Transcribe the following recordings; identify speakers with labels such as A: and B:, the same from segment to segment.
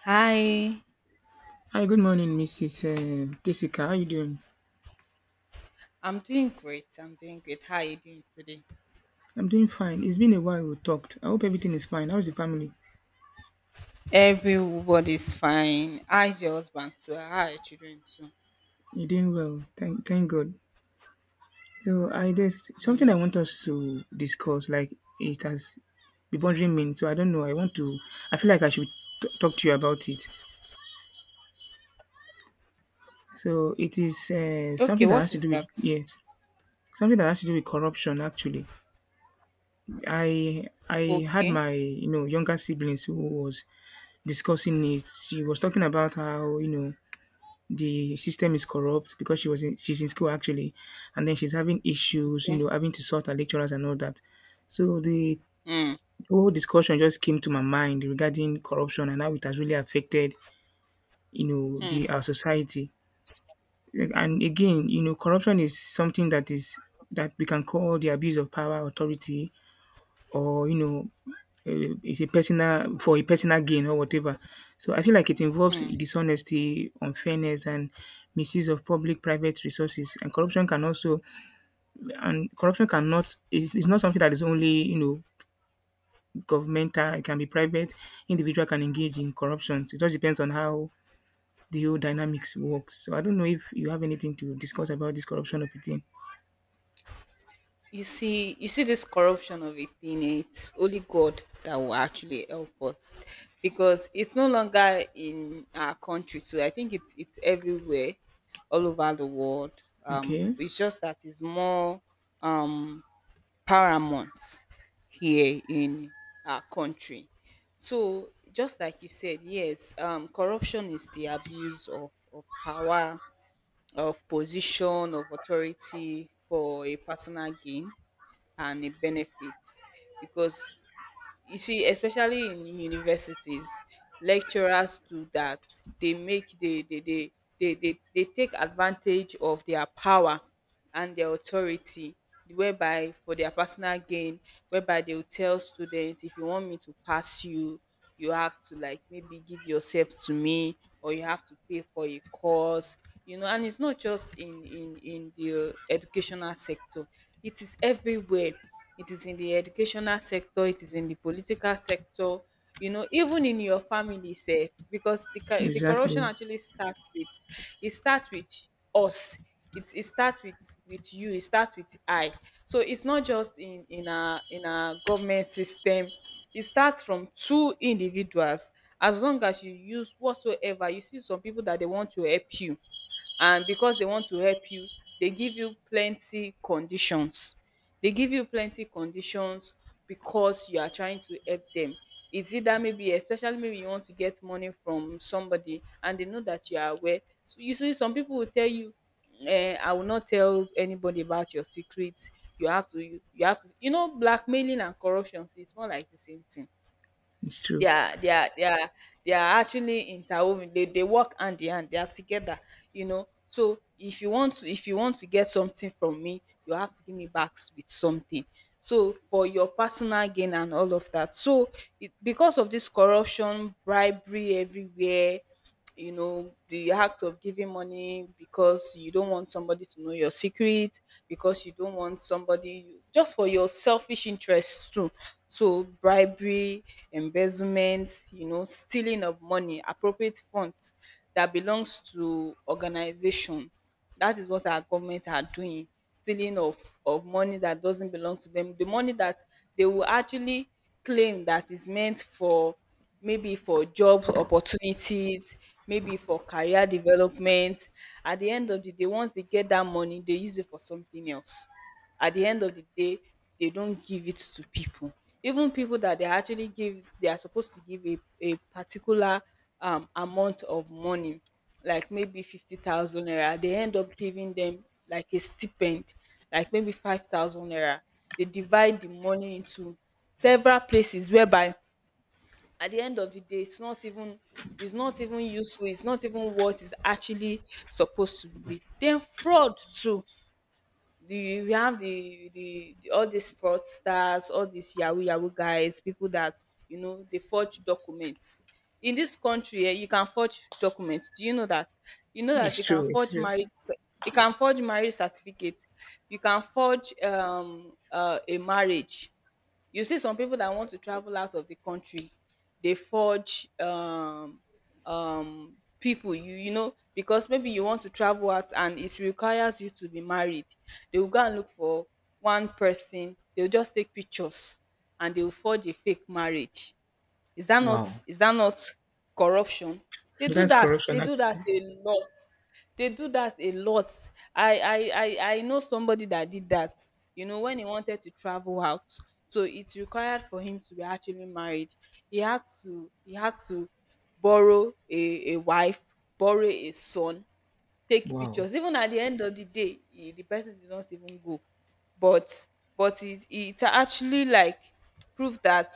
A: Hi,
B: Hi, good morning, Mrs. Jessica. How you doing?
A: I'm doing great. I'm doing great. How are you doing today?
B: I'm doing fine. It's been a while we talked. I hope everything is fine. How's the family?
A: Everybody's fine. How's your husband too? How are your children too?
B: You're doing well. Thank God. So I there's something
A: Mm.
B: I want us to discuss. Like it has been bothering me, so I don't know. I want to. I feel like I should talk to you about it. So it is
A: Okay,
B: something that has
A: what
B: to
A: is
B: do with
A: that?
B: something that has to do with corruption. Actually, I had
A: Okay,
B: my younger siblings who was discussing it. She was talking about how the system is corrupt because she's in school actually, and then she's having issues
A: okay.
B: having to sort her lecturers and all that. So the
A: Mm.
B: whole discussion just came to my mind regarding corruption and how it has really affected,
A: Mm.
B: the our society. And again, corruption is something that is that we can call the abuse of power authority, or it's a personal for a personal gain or whatever. So I feel like it involves
A: Mm.
B: dishonesty, unfairness, and misuse of public-private resources. And corruption cannot is not something that is only, governmental. It can be private. Individual can engage in corruptions. It just depends on how the whole dynamics works. So I don't know if you have anything to discuss about this corruption of a thing.
A: You see this corruption of a thing. It's only God that will actually help us, because it's no longer in our country too. I think it's everywhere, all over the world.
B: Okay,
A: It's just that it's more um paramount here in our country. So just like you said, yes, corruption is the abuse of power, of position, of authority for a personal gain and a benefit. Because you see, especially in universities, lecturers do that. They make they they they they, they, they take advantage of their power and their authority, whereby for their personal gain, whereby they will tell students, if you want me to pass you, you have to, like, maybe give yourself to me, or you have to pay for a course. You know, and it's not just in the educational sector, it is everywhere. It is in the educational sector, it is in the political sector, you know, even in your family sef. Because the corruption
B: exactly.
A: actually starts with, it starts with us. It starts with you. It starts with I. So it's not just in our, in our government system. It starts from two individuals. As long as you use whatsoever, you see some people that they want to help you, and because they want to help you, they give you plenty conditions. They give you plenty conditions because you are trying to help them. Is it that, maybe, especially maybe you want to get money from somebody and they know that you are aware? So you see some people will tell you, eh, I will not tell anybody about your secrets." You have to, you have to, you know, blackmailing and corruption too, it's more like the same thing.
B: It's
A: they
B: true.
A: are they are they are they are actually interwoven. They work hand in hand, they are together, you know. So if you want to, if you want to get something from me, you have to give me back with something, so, for your personal gain and all of that. So it, because of this, corruption, bribery everywhere, you know, the act of giving money because you don't want somebody to know your secret, because you don't want somebody, just for your selfish interests too. So bribery, embezzlement, you know, stealing of money, appropriate funds that belongs to organization. That is what our government are doing. Stealing of money that doesn't belong to them. The money that they will actually claim that is meant for, maybe for job opportunities, maybe for career development. At the end of the day, once they get that money, they use it for something else. At the end of the day, they don't give it to people. Even people that they actually give, they are supposed to give a particular amount of money, like maybe 50,000 naira, they end up giving them like a stipend, like maybe 5,000 naira. They divide the money into several places, whereby at the end of the day it's not even, it's not even useful, it's not even what is actually supposed to be. Then fraud too. The We have the all these fraudsters, all these yahoo yahoo guys, people that, you know, they forge documents. In this country, eh, you can forge documents. Do you know that? You know that
B: It's
A: you can
B: true. It's
A: forge
B: true.
A: marriage. You can forge marriage certificate. You can forge a marriage. You see some pipu dat want to travel out of the country, dey forge pipu, you know, because maybe you want to travel out and it requires you to be married. They will go and look for one person, they will just take pictures and they will forge a fake marriage.
B: Wow,
A: Is that not corruption? They do
B: that's
A: that.
B: corruption
A: They do that
B: actually.
A: a lot. They do that a lot. I know somebody that did that. You know, when he wanted to travel out, so it required for him to be actually married. He had to borrow a wife, borrow a son, take
B: Wow.
A: pictures. Even at the end of the day, he, the person did not even go. But but it it actually like proved that.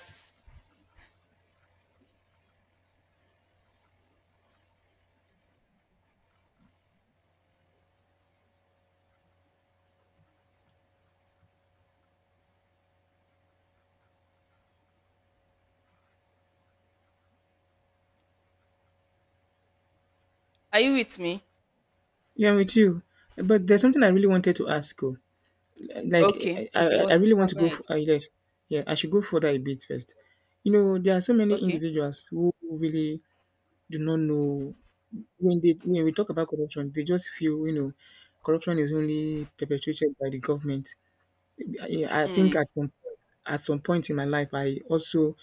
A: Are you with me?
B: Yeah, me too. But there's something I really wanted to ask. Oh. Like,
A: Okay,
B: I,
A: okay,
B: I, I
A: what's,
B: really want
A: I'm,
B: to
A: go
B: go
A: ahead.
B: for, yeah, I should go further a bit first. You know, there are so many
A: Okay.
B: individuals who really do not know when they when we talk about corruption, they just feel, you know, corruption is only perpetuated by the government. I think
A: Mm,
B: at some point in my life, I also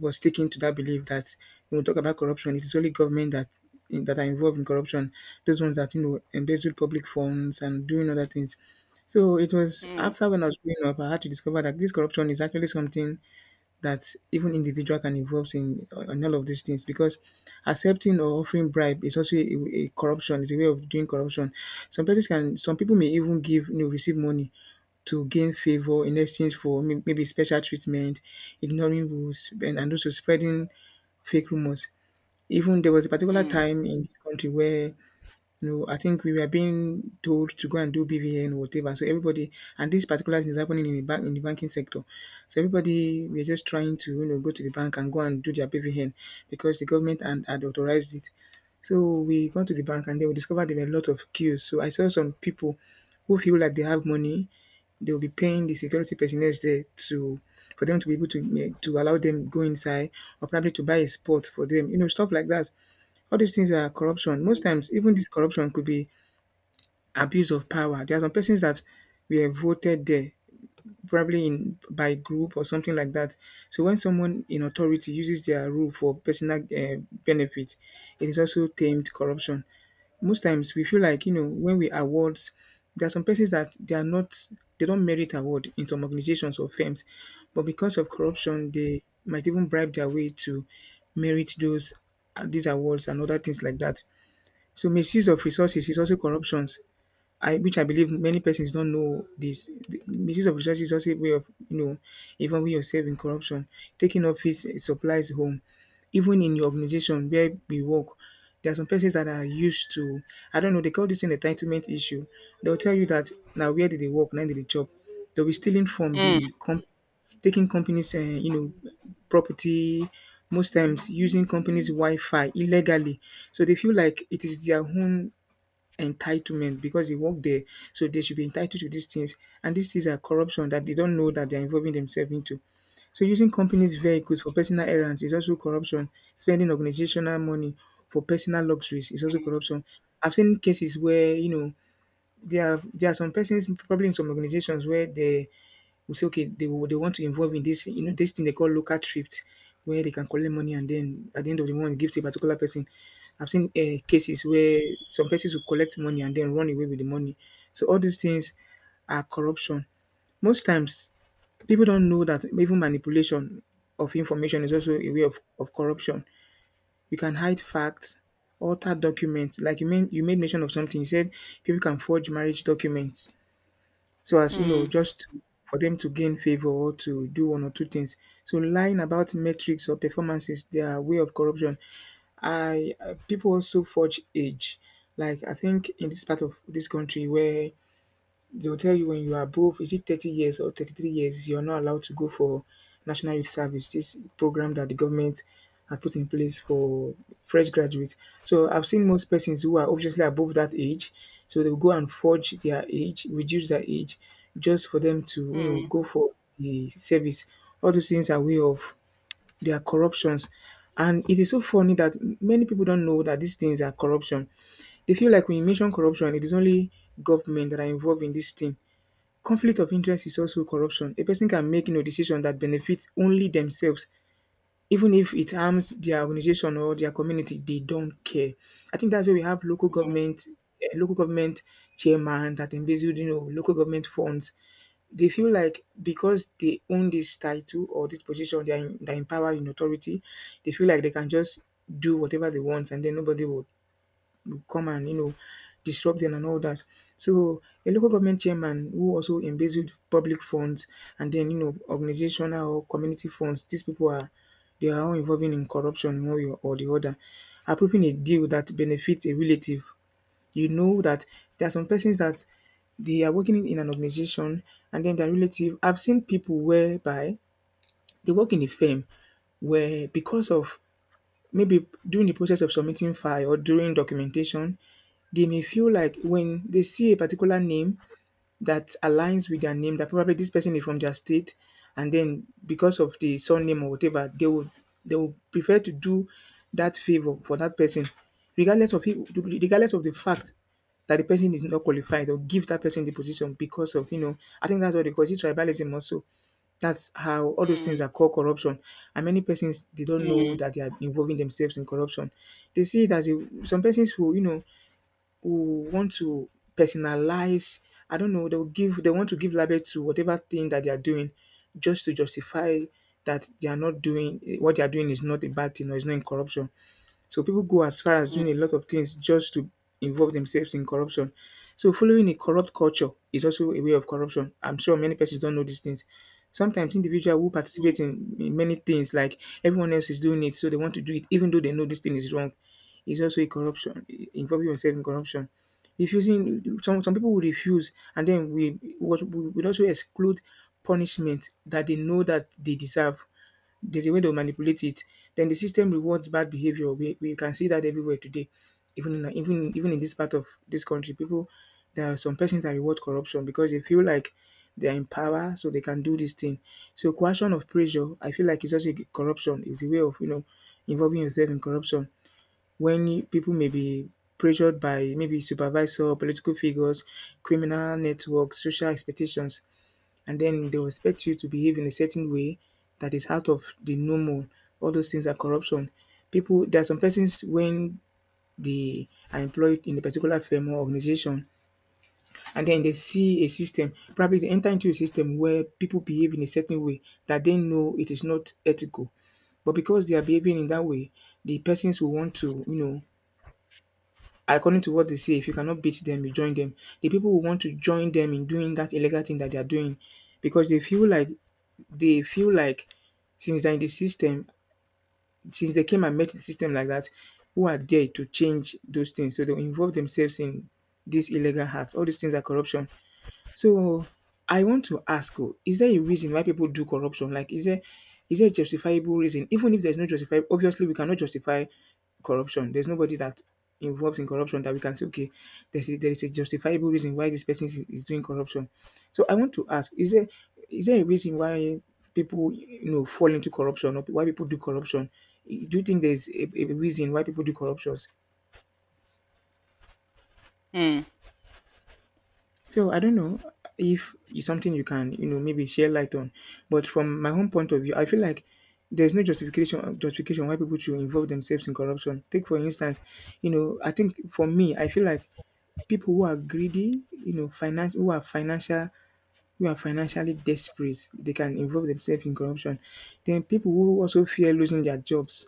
B: was sticking to that belief that when we talk about corruption, it is only government that are involved in corruption. Those ones that, you know, embezzle public funds and doing other things. So it was
A: mm,
B: after when I was growing up, I had to discover that this corruption is actually something that even individual can involve in on all of these things, because accepting or offering bribe is also a corruption. It's a way of doing corruption. Some persons can Some people may even give, you know, receive money to gain favor in exchange for maybe special treatment, ignoring rules, and also spreading fake rumors. Even there was a particular
A: mm,
B: time in this country where, you know, I think we were being told to go and do BVN or whatever. So everybody, and this particular thing is happening in the banking sector. So everybody, we're just trying to, you know, go to the bank and go and do their BVN because the government and had authorized it. So we got to the bank and then we discovered there were a lot of queues. So I saw some people who feel like they have money, they'll be paying the security personnel there to for them to be able to to allow them go inside, or probably to buy a spot for them, you know, stuff like that. All these things are corruption. Most times, even this corruption could be abuse of power. There are some persons that were voted there, probably in by group or something like that. So when someone in authority uses their rule for personal benefit, it is also termed corruption. Most times, we feel like, you know, when we awards, there are some persons that they are not, they don't merit award in some organizations or firms, but because of corruption, they might even bribe their way to merit those these awards and other things like that. So misuse of resources is also corruptions. I believe many persons don't know this. The misuse of resources is also a way of, you know, involving yourself in corruption, taking office supplies home. Even in your organization where we work, there are some persons that are used to, I don't know, they call this an entitlement issue. They'll tell you that now where did they work, now did they job. They'll be stealing from
A: mm,
B: the company, taking companies, property, most times using companies' Wi Fi illegally. So they feel like it is their own entitlement because they work there. So they should be entitled to these things. And these things are corruption that they don't know that they're involving themselves into. So using companies' vehicles for personal errands is also corruption. Spending organizational money for personal luxuries is also
A: mm,
B: corruption. I've seen cases where, you know, there are some persons probably in some organizations where they will say, okay, they will, they want to involve in this, you know, this thing they call local thrift, where they can collect money and then at the end of the month give to a particular person. I've seen cases where some persons will collect money and then run away with the money. So all these things are corruption. Most times, people don't know that even manipulation of information is also a way of corruption. You can hide facts, alter documents. Like you made mention of something. You said people can forge marriage documents so as, you know,
A: mm,
B: just to, for them to gain favor or to do one or two things. So lying about metrics or performances, their way of corruption. I People also forge age. Like I think in this part of this country where they will tell you when you are above, is it 30 years or 33 years, you're not allowed to go for national youth service. This program that the government has put in place for fresh graduates. So I've seen most persons who are obviously above that age, so they'll go and forge their age, reduce their age, just for them to, you know,
A: mm,
B: go for the service. All those things are way of their corruptions. And it is so funny that many people don't know that these things are corruption. They feel like when you mention corruption, it is only government that are involved in this thing. Conflict of interest is also corruption. A person can make, you know, decision that benefits only themselves, even if it harms their organization or their community. They don't care. I think that's why we have local
A: mm,
B: government, local government chairman that embezzled, you know, local government funds. They feel like because they own this title or this position, they are in power in authority. They feel like they can just do whatever they want, and then nobody will come and, you know, disrupt them and all that. So a local government chairman who also embezzled public funds and then, you know, organizational or community funds, these people are they are all involving in corruption in one way or the other. Approving a deal that benefits a relative. You know that there are some persons that they are working in an organization and then their relative, I've seen people whereby they work in a firm where because of maybe during the process of submitting file or during documentation, they may feel like when they see a particular name that aligns with their name that probably this person is from their state, and then because of the surname or whatever, they would prefer to do that favor for that person regardless of if, regardless of the fact that the person is not qualified, or give that person the position because of, you know, I think that's what they call it, it's tribalism also. That's how all those things are
A: mm,
B: called corruption. And many persons they don't know
A: mm,
B: that they are involving themselves in corruption. They see it as a, some persons who, you know, who want to personalize, I don't know, they want to give label to whatever thing that they are doing, just to justify that they are not doing what they are doing is not a bad thing or is not in corruption. So people go as far as doing
A: mm,
B: a lot of things just to involve themselves in corruption. So following a corrupt culture is also a way of corruption. I'm sure many persons don't know these things. Sometimes individual who
A: mm.
B: participate in many things like everyone else is doing it, so they want to do it even though they know this thing is wrong. It's also a corruption, involving yourself in corruption. Refusing some people will refuse and then we will also exclude punishment that they know that they deserve there's a way to manipulate it. Then the system rewards bad behavior. We can see that everywhere today, even in this part of this country, people there are some persons that reward corruption because they feel like they are in power, so they can do this thing. So coercion of pressure, I feel like it's also corruption. Is a way of involving yourself in corruption when people may be pressured by maybe supervisor, political figures, criminal networks, social expectations, and then they'll expect you to behave in a certain way that is out of the normal. All those things are corruption. People, there are some persons when they are employed in a particular firm or organization, and then they see a system, probably they enter into a system where people behave in a certain way that they know it is not ethical. But because they are behaving in that way, the persons will want to, you know, according to what they say, if you cannot beat them, you join them. The people who want to join them in doing that illegal thing that they are doing because they feel like since they're in the system, since they came and met the system like that, who are there to change those things? So they involve themselves in this illegal act. All these things are corruption. So I want to ask, oh, is there a reason why people do corruption? Like, is there a justifiable reason? Even if there's no justifiable, obviously we cannot justify corruption. There's nobody that involves in corruption that we can say, okay, there is a justifiable reason why this person is doing corruption. So I want to ask, is there a reason why people fall into corruption or why people do corruption? Do you think there's a reason why people do corruptions?
A: Mm.
B: So I don't know if it's something you can, you know, maybe share light on. But from my own point of view, I feel like there's no justification why people should involve themselves in corruption. Take for instance, you know, I think for me, I feel like people who are greedy, you know, finance who are financial who are financially desperate, they can involve themselves in corruption. Then people who also fear losing their jobs,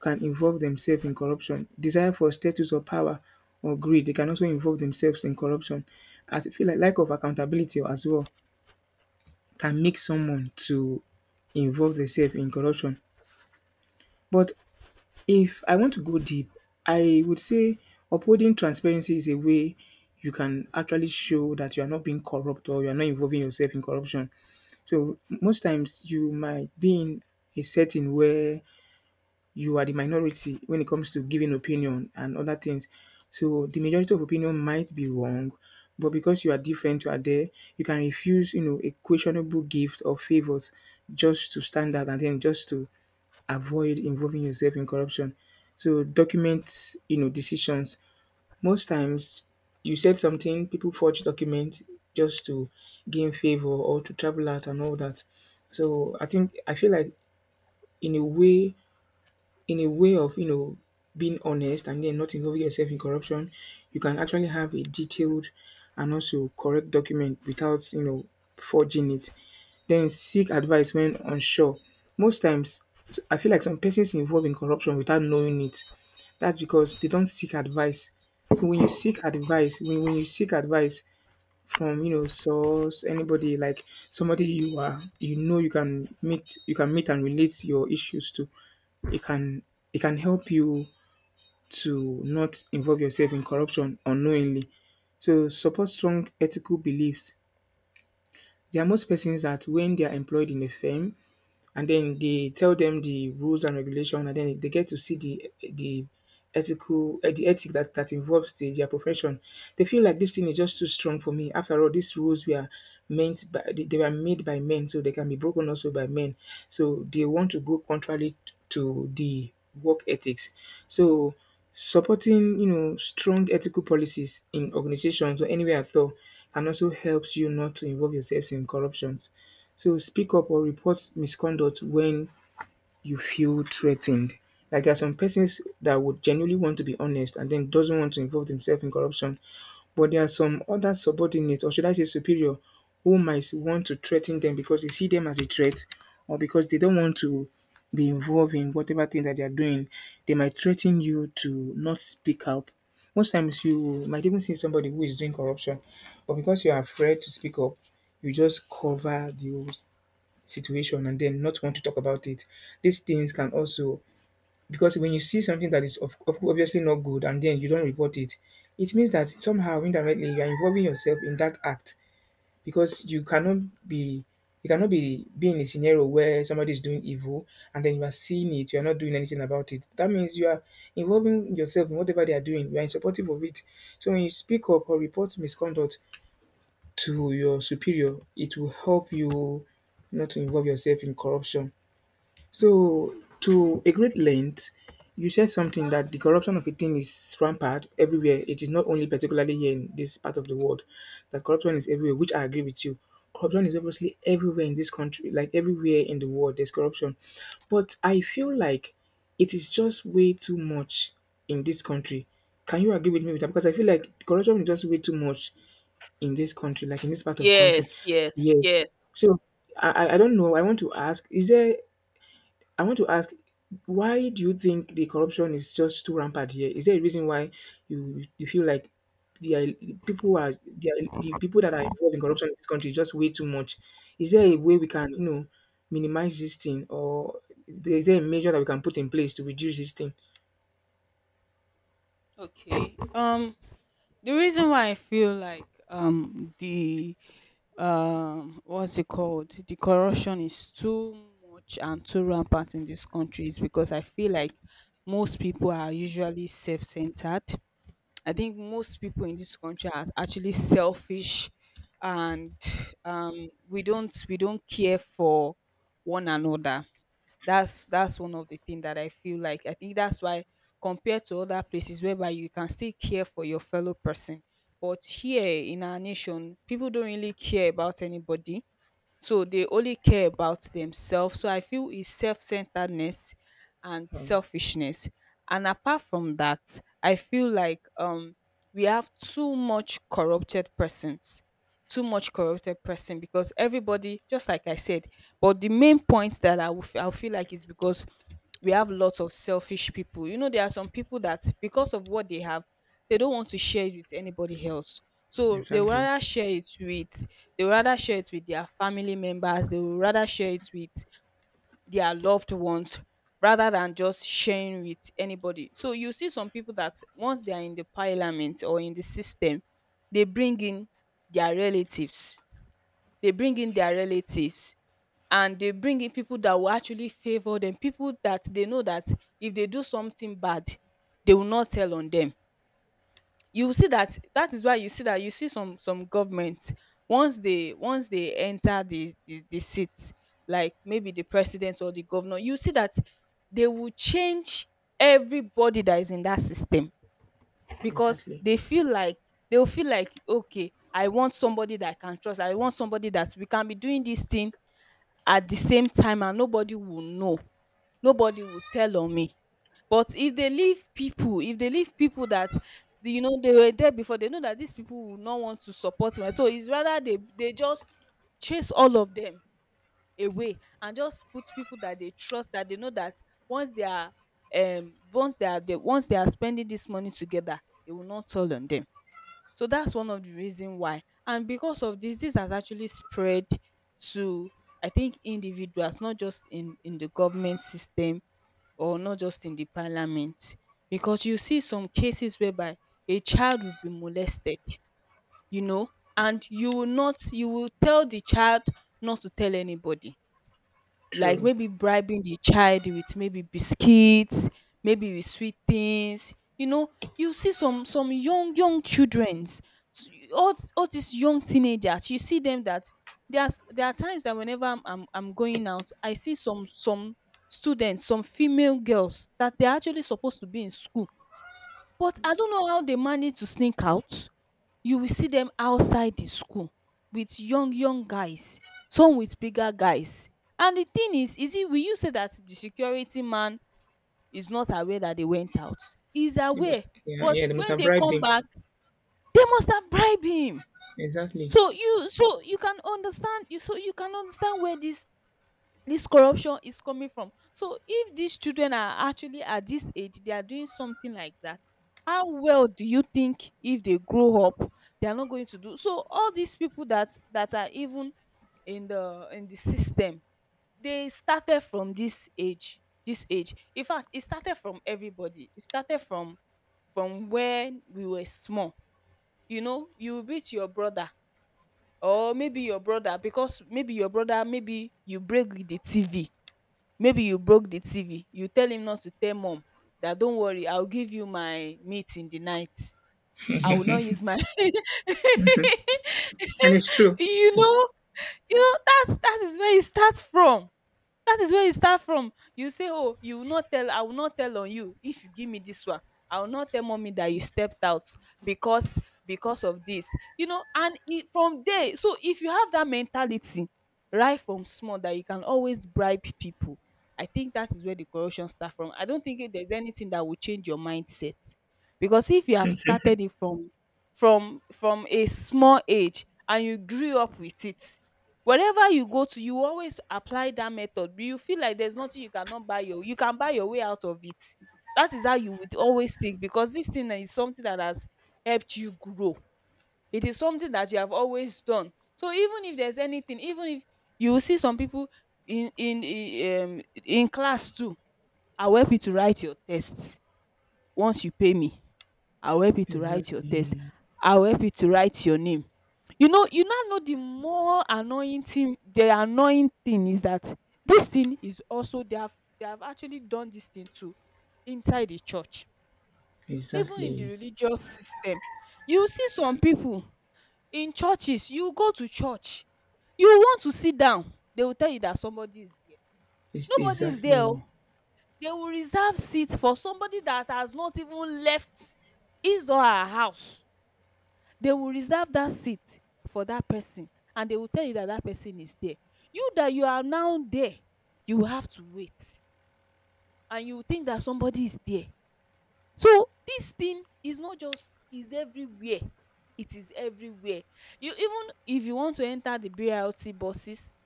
B: can involve themselves in corruption. Desire for status or power or greed, they can also involve themselves in corruption. I feel like lack of accountability as well can make someone to involve themselves in corruption. But if I want to go deep, I would say upholding transparency is a way you can actually show that you are not being corrupt or you are not involving yourself in corruption. So most times you might be in a setting where you are the minority when it comes to giving opinion and other things. So the majority of opinion might be wrong, but because you are different, you are there, you can refuse, you know, a questionable gift or favors just to stand out and then just to avoid involving yourself in corruption. So document, you know, decisions. Most times you said something, people forge document just to gain favor or to travel out and all that. So I think I feel like in a way in a way of being honest and then not involving yourself in corruption, you can actually have a detailed and also correct document without forging it. Then seek advice when unsure. Most times, I feel like some persons involved in corruption without knowing it. That's because they don't seek advice. So when you seek advice, from source anybody like somebody you are you can meet and relate your issues to, it can it can help you to not involve yourself in corruption unknowingly. So support strong ethical beliefs. There are most persons that when they are employed in a firm and then they tell them the rules and regulation, and then they get to see the ethical the ethic that involves their profession. They feel like this thing is just too strong for me. After all, these rules were meant by they were made by men, so they can be broken also by men. So they want to go contrary to the work ethics. So supporting strong ethical policies in organizations or anywhere at all can also helps you not to involve yourselves in corruptions. So speak up or report misconduct when you feel threatened. Like there are some persons that would genuinely want to be honest and then doesn't want to involve themselves in corruption. But there are some other subordinates, or should I say superior, who might want to threaten them because they see them as a threat or because they don't want to be involved in whatever thing that they are doing. They might threaten you to not speak up. Most times you might even see somebody who is doing corruption, but because you are afraid to speak up, you just cover the situation and then not want to talk about it. These things can also because when you see something that is obviously not good and then you don't report it, it means that somehow indirectly you are involving yourself in that act because be you cannot be being in a scenario where somebody is doing evil and then you are seeing it, you are not doing anything about it. That means you are involving yourself in whatever they are doing, you are in supportive of it. So when you speak up or report misconduct to your superior, it will help you not to involve yourself in corruption. So, to a great length, you said something that the corruption of a thing is rampant everywhere. It is not only particularly here in this part of the world that corruption is everywhere, which I agree with you. Corruption is obviously everywhere in this country, like everywhere in the world, there's corruption. But I feel like it is just way too much in this country. Can you agree with me with that? Because I feel like corruption is just way too much in this country, like in this part of country.
A: Yes, yes,
B: Yes.
A: yes.
B: So I don't know. I want to ask: is there I want to ask, why do you think the corruption is just too rampant here? Is there a reason why you feel like the are people who are the people that are involved in corruption in this country is just way too much? Is there a way we can, you know, minimize this thing, or is there a measure that we can put in place to reduce this thing?
A: Okay. The reason why I feel like the, what's it called, the corruption is too much and too rampant in this country is because I feel like most people are usually self-centered. I think most people in this country are actually selfish, and we don't, we don't care for one another. That's one of the things that I feel like. I think that's why, compared to other places whereby you can still care for your fellow person, but here in our nation, people don't really care about anybody, so they only care about themselves. So I feel it's self-centeredness and
B: Oh,
A: selfishness. And apart from that, I feel like we have too much corrupted persons. Too much corrupted person, because everybody, just like I said, but the main point that I will I'll feel like is because we have lots of selfish people. You know, there are some people that, because of what they have, they don't want to share it with anybody else. So they will
B: exactly,
A: rather share it with, they would rather share it with their family members, they would rather share it with their loved ones, rather than just sharing with anybody. So you see some people that, once they are in the parliament or in the system, they bring in their relatives. They bring in their relatives and they bring in people that will actually favor them, people that they know that if they do something bad, they will not tell on them. You will see that, that is why you see that, you see some governments, once they, once they enter the seat, like maybe the president or the governor, you see that they will change everybody that is in that system because
B: exactly.
A: they feel like, they will feel like, okay, I want somebody that I can trust, I want somebody that we can be doing this thing at the same time and nobody will know, nobody will tell on me. But if they leave people, if they leave people that, you know, they were there before, they know that these people will not want to support my. So it's rather, they just chase all of them away and just put people that they trust, that they know that once they are once they are they, once they are spending this money together, they will not tell on them. So that's one of the reason why. And because of this, this has actually spread to, I think, individuals, not just in the government system or not just in the parliament. Because you see some cases whereby a child will be molested, you know, and you will not, you will tell the child not to tell anybody, like
B: True.
A: maybe bribing the child with maybe biscuits, maybe with sweet things, you know. You see some young young childrens, s- all all these young teenagers, you see them that there's, there are times that whenever I'm I'm going out, I see some students, some female girls that they're actually supposed to be in school, but I don't know how they manage to sneak out. You will see them outside the school with young young guys, some with bigger guys. And the thing is it, will you say that the security man is not aware that they went out? He is
B: They must,
A: aware,
B: yeah,
A: but
B: yeah, they must
A: when
B: have
A: they
B: bribed
A: come
B: him.
A: back, they must have bribed him.
B: Exactly,
A: So you, so you can understand you so you can understand where this corruption is coming from. So if these children are actually at this age, they are doing something like that, how well do you think if they grow up, they are not going to do? So all these people that, that are even in the, in the system, they started from this age. This age. In fact, it started from everybody. It started from when we were small. You know, you beat your brother, or maybe your brother, because maybe your brother, maybe you break with the TV, maybe you broke the tv. You tell him not to tell mom, that don't worry, I'll give you my meat in the night. I will not use my
B: and it's true.
A: you know you know, that is where it starts from. That is where you start from. You say, oh, you will not tell, I will not tell on you if you give me this one. I will not tell mommy that you stepped out, because because of this, you know, and it, from there. So if you have that mentality right from small, that you can always bribe people, I think that is where the corruption start from. I don't think there's anything that will change your mindset, because if you have started it from a small age and you grew up with it. Wherever you go to, you always apply that method. You feel like there's nothing you cannot buy, your you can buy your way out of it. That is how you would always think, because this thing is something that has helped you grow. It is something that you have always done. So even if there's anything, even if you will see some people in class too, I'll help you to write your tests once you pay me. I will help you to write your test.
B: Exactly,
A: I will help you to write your name. You know, you now know, the more annoying thing, the annoying thing is that this thing is also, they have actually done this thing too, inside the church, even in the
B: exactly,
A: religious system. You see some people in churches, you go to church, you want to sit down, they will tell you that somebody is there.
B: it's
A: Nobody is there, oo
B: exactly.
A: They will reserve seat for somebody that has not even left his or her house. They will reserve that seat for that person, and they will tell you that that person is there. You that you are now there, you have to wait, and you think that somebody is there. So this thing is not just, is everywhere. It is everywhere. You, even if you want to enter the BRT buses,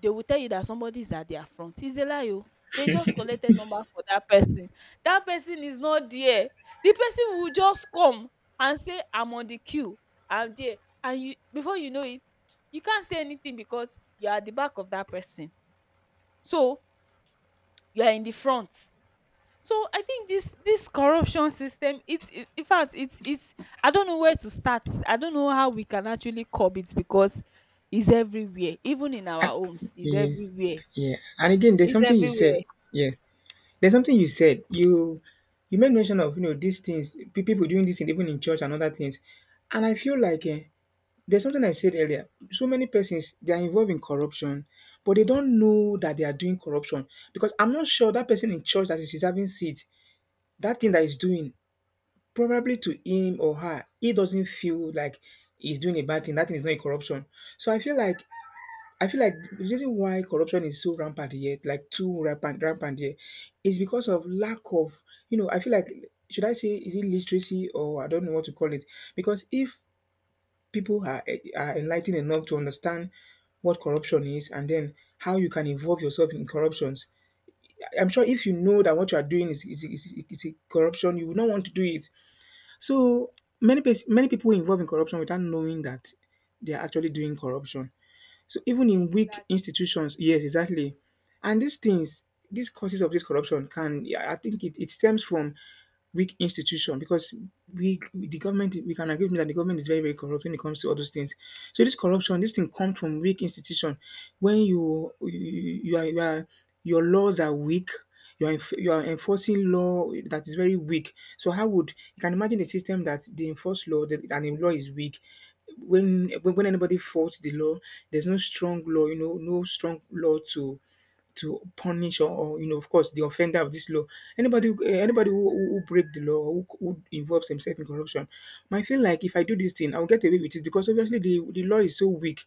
A: they will tell you that somebody is at their front. It's a lie, o. They just collected number for that person. That person is not there. The person will just come and say, I'm on the queue. I'm there. And you, before you know it, you can't say anything because you are at the back of that person. So you are in the front. So I think this corruption system, it's, in fact it's, I don't know where to start. I don't know how we can actually curb it because it's everywhere. Even in our
B: I,
A: homes, it's
B: yes,
A: everywhere.
B: yeah. And again, there's
A: It's
B: something you said.
A: everywhere.
B: Yes, there's something you said. You made mention of these things, people doing this thing even in church and other things. And I feel like there's something I said earlier. So many persons they are involved in corruption, but they don't know that they are doing corruption because I'm not sure that person in church that is reserving seat, that thing that is doing, probably to him or her, he doesn't feel like he's doing a bad thing. That thing is not a corruption. So I feel like the reason why corruption is so rampant here, like too rampant here, is because of lack of, you know, I feel like, should I say, is it literacy or I don't know what to call it? Because if people are enlightened enough to understand what corruption is and then how you can involve yourself in corruptions, I'm sure if you know that what you are doing is a corruption, you would not want to do it. So many people involved in corruption without knowing that they are actually doing corruption. So even in weak
A: Exactly.
B: institutions, yes, exactly. And these things, these causes of this corruption can, yeah, I think it stems from weak institution because we, the government, we can agree with me that the government is very, very corrupt when it comes to all those things. So this corruption, this thing comes from weak institution. When you are, you are, your laws are weak, you are, you are enforcing law that is very weak. So how would you can imagine a system that they enforce law that, and the law is weak? When anybody fought the law, there's no strong law, you know, no strong law to punish or of course, the offender of this law. Anybody who break the law, who involves himself in corruption, might feel like if I do this thing, I'll get away with it because obviously the law is so weak.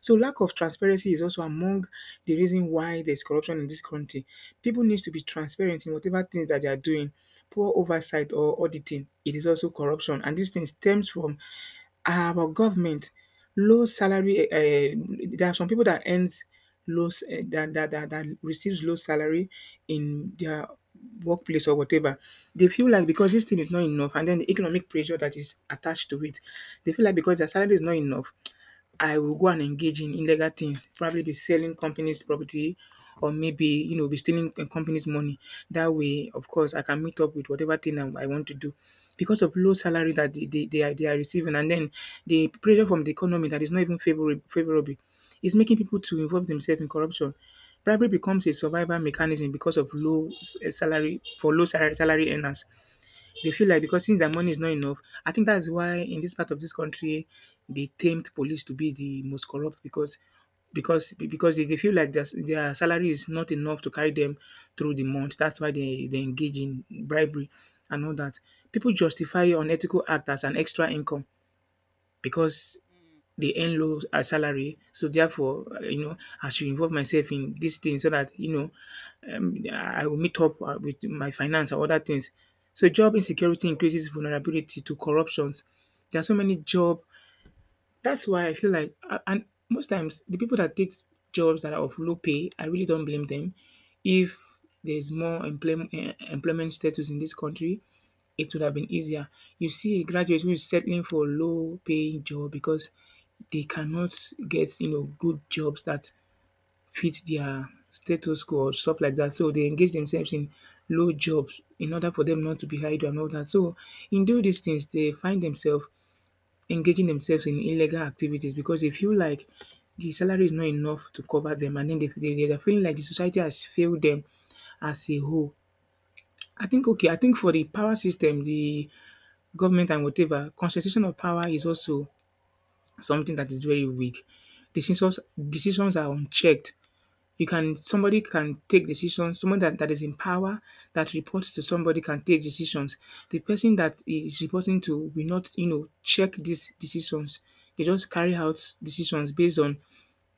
B: So lack of transparency is also among the reason why there's corruption in this country. People need to be transparent in whatever things that they are doing. Poor oversight or auditing, it is also corruption. And this thing stems from our government. Low salary, there are some people that earns that receives low salary in their workplace or whatever. They feel like because this thing is not enough and then the economic pressure that is attached to it, they feel like because their salary is not enough, I will go and engage in illegal things, probably be selling companies' property or maybe, you know, be stealing a company's money. That way, of course, I can meet up with whatever thing I want to do. Because of low salary that they are receiving and then the pressure from the economy that is not even favorable is making people to involve themselves in corruption. Bribery becomes a survival mechanism because of salary, for low salary, salary earners. They feel like because since their money is not enough, I think that's why in this part of this country they tamed police to be the most corrupt because they feel like their salary is not enough to carry them through the month. That's why they engage in bribery and all that. People justify unethical act as an extra income because
A: Mm.
B: they earn low salary. So therefore, you know, I should involve myself in this thing so that you know I will meet up with my finance or other things. So job insecurity increases vulnerability to corruptions. There are so many job that's why I feel like and most times the people that takes jobs that are of low pay, I really don't blame them. If there's more employment status in this country, it would have been easier. You see a graduate who is settling for a low paying job because they cannot get, you know, good jobs that fit their status quo or stuff like that. So they engage themselves in low jobs in order for them not to be idle and all that. So in doing these things, they find themselves engaging themselves in illegal activities because they feel like the salary is not enough to cover them and then they are feeling like the society has failed them as a whole. I think okay, I think for the power system, the government and whatever, concentration of power is also something that is very weak. Decisions decisions are unchecked. You can Somebody can take decisions, someone that is in power that reports to somebody can take decisions. The person that is reporting to will not, you know, check these decisions. They just carry out decisions based on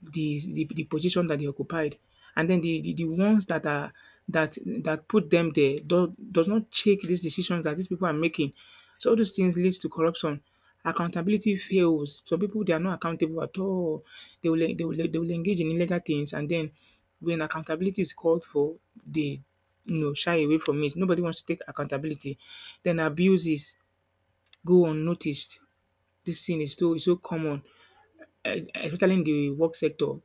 B: the position that they occupied. And then the ones that are that that put them there does not check these decisions that these people are making. So all those things leads to corruption. Accountability fails. Some people they are not accountable at all. They will engage in illegal things and then when accountability is called for, they, you know, shy away from it. Nobody wants to take accountability. Then abuses go unnoticed. This thing is so common, especially in the work sector.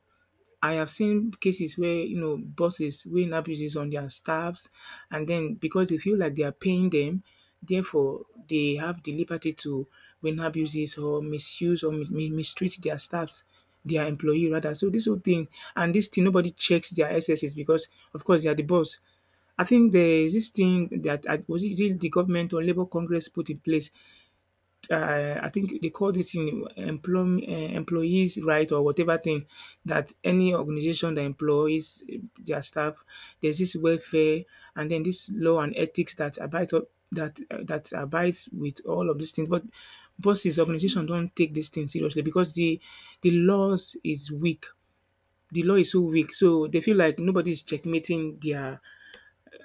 B: I have seen cases where, you know, bosses weighing abuses on their staffs, and then because they feel like they are paying them, therefore they have the liberty to win abuses or misuse or mistreat their staffs, their employee rather. So this whole thing and this thing nobody checks their SSs because of course they are the boss. I think there is this thing that was it, is it the government or Labour Congress put in place, I think they call this employees' right or whatever thing that any organization that employs their staff, there's this welfare and then this law and ethics that abides up, that that abides with all of these things. But bosses, organization don't take this thing seriously because the laws is weak. The law is so weak, so they feel like nobody is checkmating their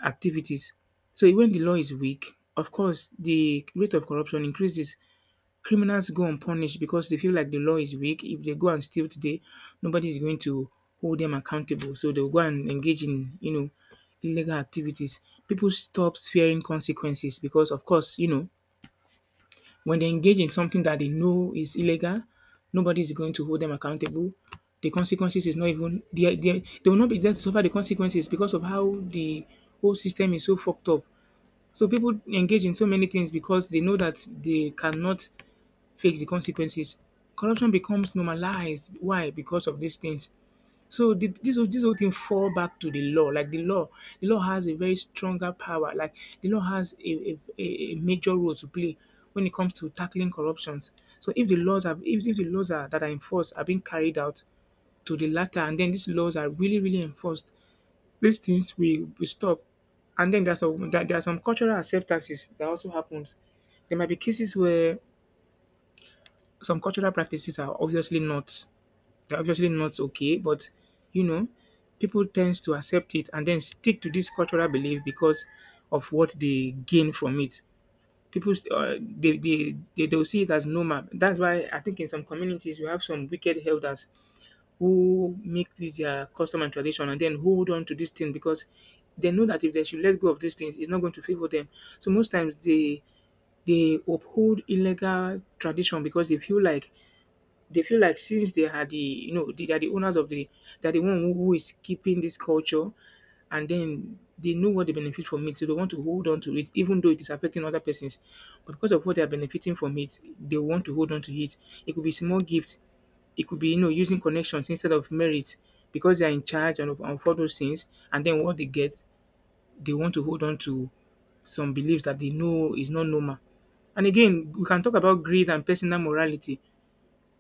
B: activities. So when the law is weak, of course, the rate of corruption increases. Criminals go unpunished because they feel like the law is weak. If they go and steal today, nobody is going to hold them accountable. So they'll go and engage in, you know, illegal activities. People stop fearing consequences because, of course, you know, when they engage in something that they know is illegal, nobody is going to hold them accountable. The consequences is not even they will not be there to suffer the consequences because of how the whole system is so fucked up. So people engage in so many things because they know that they cannot fix the consequences. Corruption becomes normalized. Why? Because of these things. So this whole thing fall back to the law. Like the law has a very stronger power. Like the law has a major role to play when it comes to tackling corruptions. So if the laws are if the laws are that are enforced are being carried out to the latter, and then these laws are really really enforced, these things will stop. And then there's some there are some cultural acceptances that also happens. There might be cases where some cultural practices are obviously not they're obviously not okay, but you know, people tends to accept it and then stick to this cultural belief because of what they gain from it. People, they'll see it as normal. That's why I think in some communities you have some wicked elders who make this their custom and tradition and then hold on to this thing because they know that if they should let go of these things, it's not going to favor them. So most times they uphold illegal tradition because they feel like since they are the, you know, they are the owners of the they are the one who is keeping this culture and then they know what they benefit from it, so they want to hold on to it, even though it is affecting other persons. But because of what they are benefiting from it, they want to hold on to it. It could be small gift, it could be, you know, using connections instead of merit because they are in charge and of all those things. And then what they get, they want to hold on to some beliefs that they know is not normal. And again, we can talk about greed and personal morality.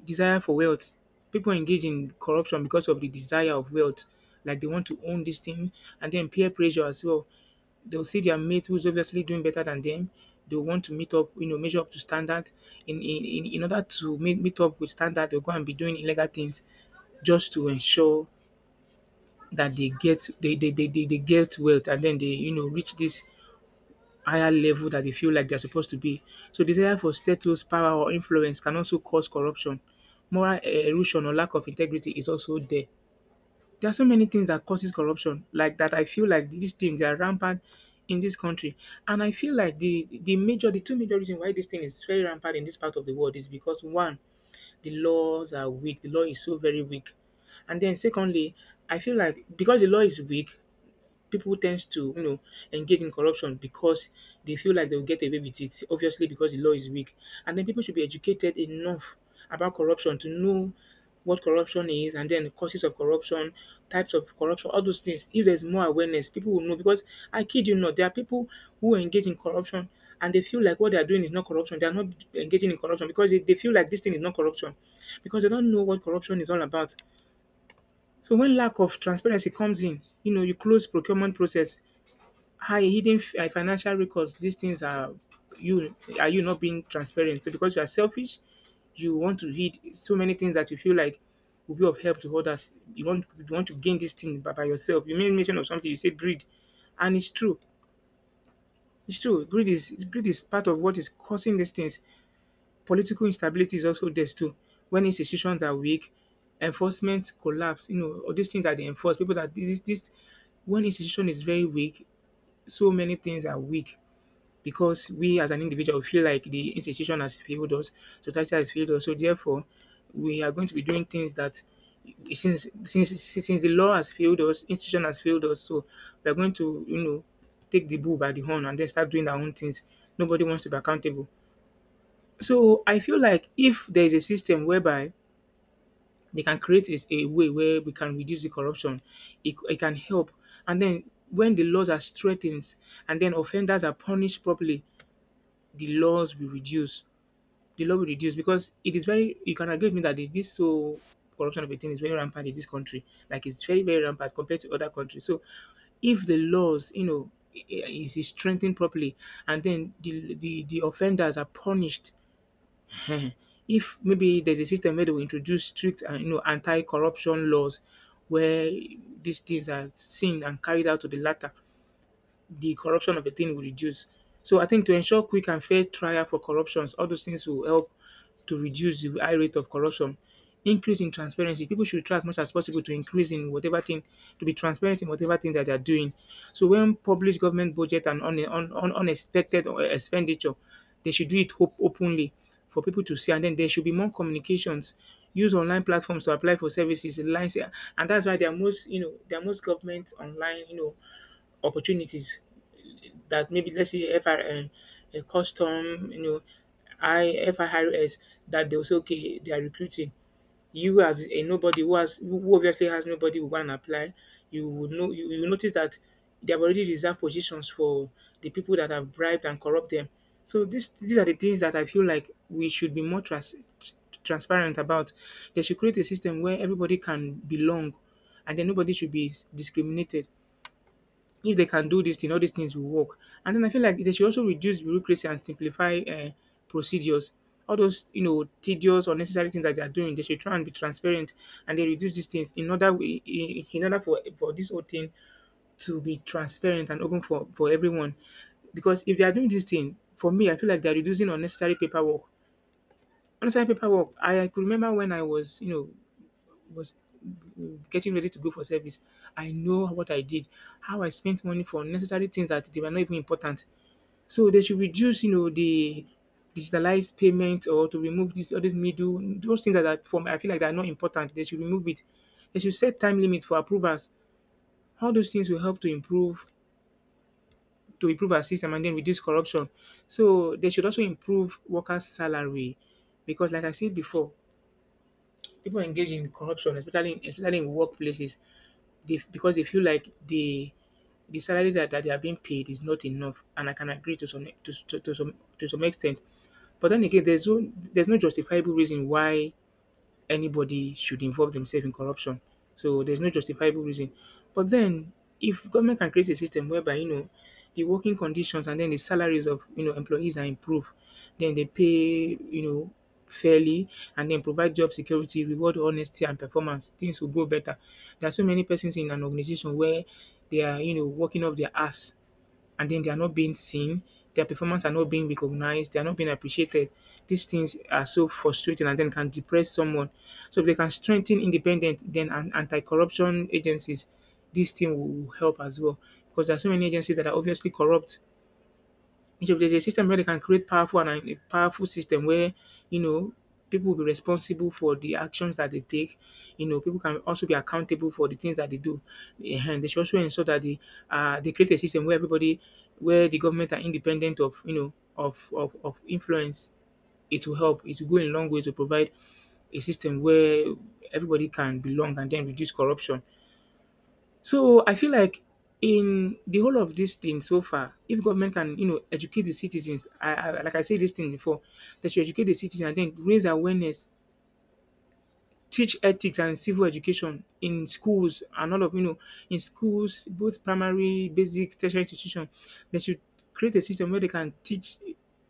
B: Desire for wealth. People engage in corruption because of the desire of wealth. Like they want to own this thing and then peer pressure as well. They'll see their mate who's obviously doing better than them. They'll want to meet up, you know, measure up to standard. In order to meet up with standard, they'll go and be doing illegal things just to ensure that they get wealth and then they, you know, reach this higher level that they feel like they're supposed to be. So desire for status, power, or influence can also cause corruption. Moral erosion or lack of integrity is also there. There are so many things that causes corruption, like that. I feel like these things are rampant in this country, and I feel like the major, the two major reasons why this thing is very rampant in this part of the world is because one, the laws are weak. The law is so very weak. And then secondly, I feel like because the law is weak, people tends to, you know, engage in corruption because they feel like they'll get away with it, obviously because the law is weak. And then people should be educated enough about corruption to know what corruption is and then the causes of corruption, types of corruption, all those things. If there's more awareness, people will know because I kid you not, there are people who engage in corruption and they feel like what they are doing is not corruption. They are not engaging in corruption because they feel like this thing is not corruption because they don't know what corruption is all about. So when lack of transparency comes in, you know, you close procurement process, high hidden financial records, these things you are you not being transparent. So because you are selfish, you want to hid so many things that you feel like will be of help to others. You want to gain this thing by yourself. You made mention of something. You said greed, and it's true. It's true. Greed is part of what is causing these things. Political instability is also there too. When institutions are weak, enforcement collapse. You know all these things that they enforce. People that this When institution is very weak, so many things are weak because we as an individual feel like the institution has failed us, society has failed us. So therefore, we are going to be doing things that since the law has failed us, institution has failed us. So we are going to, you know, take the bull by the horn and then start doing our own things. Nobody wants to be accountable. So I feel like if there is a system whereby they can create is a way where we can reduce the corruption, it can help. And then when the laws are strengthened and then offenders are punished properly, the laws will reduce. The law will reduce because it is very. You can agree with me that the- this so corruption of a thing is very rampant in this country. Like it's very rampant compared to other countries. So if the laws, you know, is strengthened properly, and then the offenders are punished. If maybe there's a system where they will introduce strict, you know, anti-corruption laws, where these things are seen and carried out to the latter, the corruption of a thing will reduce. So I think to ensure quick and fair trial for corruptions, all those things will help to reduce the high rate of corruption. Increase in transparency. People should try as much as possible to increase in whatever thing, to be transparent in whatever thing that they are doing. So when public government budget and unexpected or expenditure, they should do it openly for people to see. And then there should be more communications. Use online platforms to apply for services, lines, and that's why there are most, you know, there are most government online, you know, opportunities that maybe let's say FRN, a custom, you know, I FIRS that they'll say, okay, they are recruiting. You as a nobody who has who obviously has nobody will go and apply, you would know you notice that they have already reserved positions for the people that have bribed and corrupt them. So this these are the things that I feel like we should be more transparent about. They should create a system where everybody can belong and then nobody should be discriminated if they can do this thing, all these things will work. And then I feel like they should also reduce bureaucracy and simplify procedures. All those, you know, tedious, unnecessary things that they are doing, they should try and be transparent, and they reduce these things in order for this whole thing to be transparent and open for everyone. Because if they are doing this thing, for me, I feel like they are reducing unnecessary paperwork. Unnecessary paperwork. I could remember when I was, you know, was getting ready to go for service. I know what I did, how I spent money for unnecessary things that they were not even important. So they should reduce, you know, the digitalized payment or to remove this all these middle those things that are from I feel like they are not important. They should remove it. They should set time limit for approvals. All those things will help to improve our system and then reduce corruption. So they should also improve workers' salary because like I said before, people engage in corruption, especially in workplaces. They because they feel like the salary that they are being paid is not enough, and I can agree to some to some to some extent. But then again, there's no justifiable reason why anybody should involve themselves in corruption. So there's no justifiable reason. But then, if government can create a system whereby, you know, the working conditions and then the salaries of, you know, employees are improved, then they pay, you know, fairly and then provide job security, reward honesty and performance, things will go better. There are so many persons in an organization where they are, you know, working off their ass and then they are not being seen, their performance are not being recognized, they are not being appreciated. These things are so frustrating and then can depress someone. So if they can strengthen independent then and anti-corruption agencies, this thing will help as well. Because there are so many agencies that are obviously corrupt if there's a system where they can create powerful and a powerful system where, you know, people will be responsible for the actions that they take, you know, people can also be accountable for the things that they do. And they should also ensure that they create a system where everybody where the government are independent of, you know, of influence. It will help. It will go a long way to provide a system where everybody can belong and then reduce corruption. So I feel like in the whole of this thing so far, if government can, you know, educate the citizens, like I said this thing before, that you educate the citizens and then raise awareness, teach ethics and civil education in schools and all of, you know, in schools, both primary, basic, tertiary institution, they should create a system where they can teach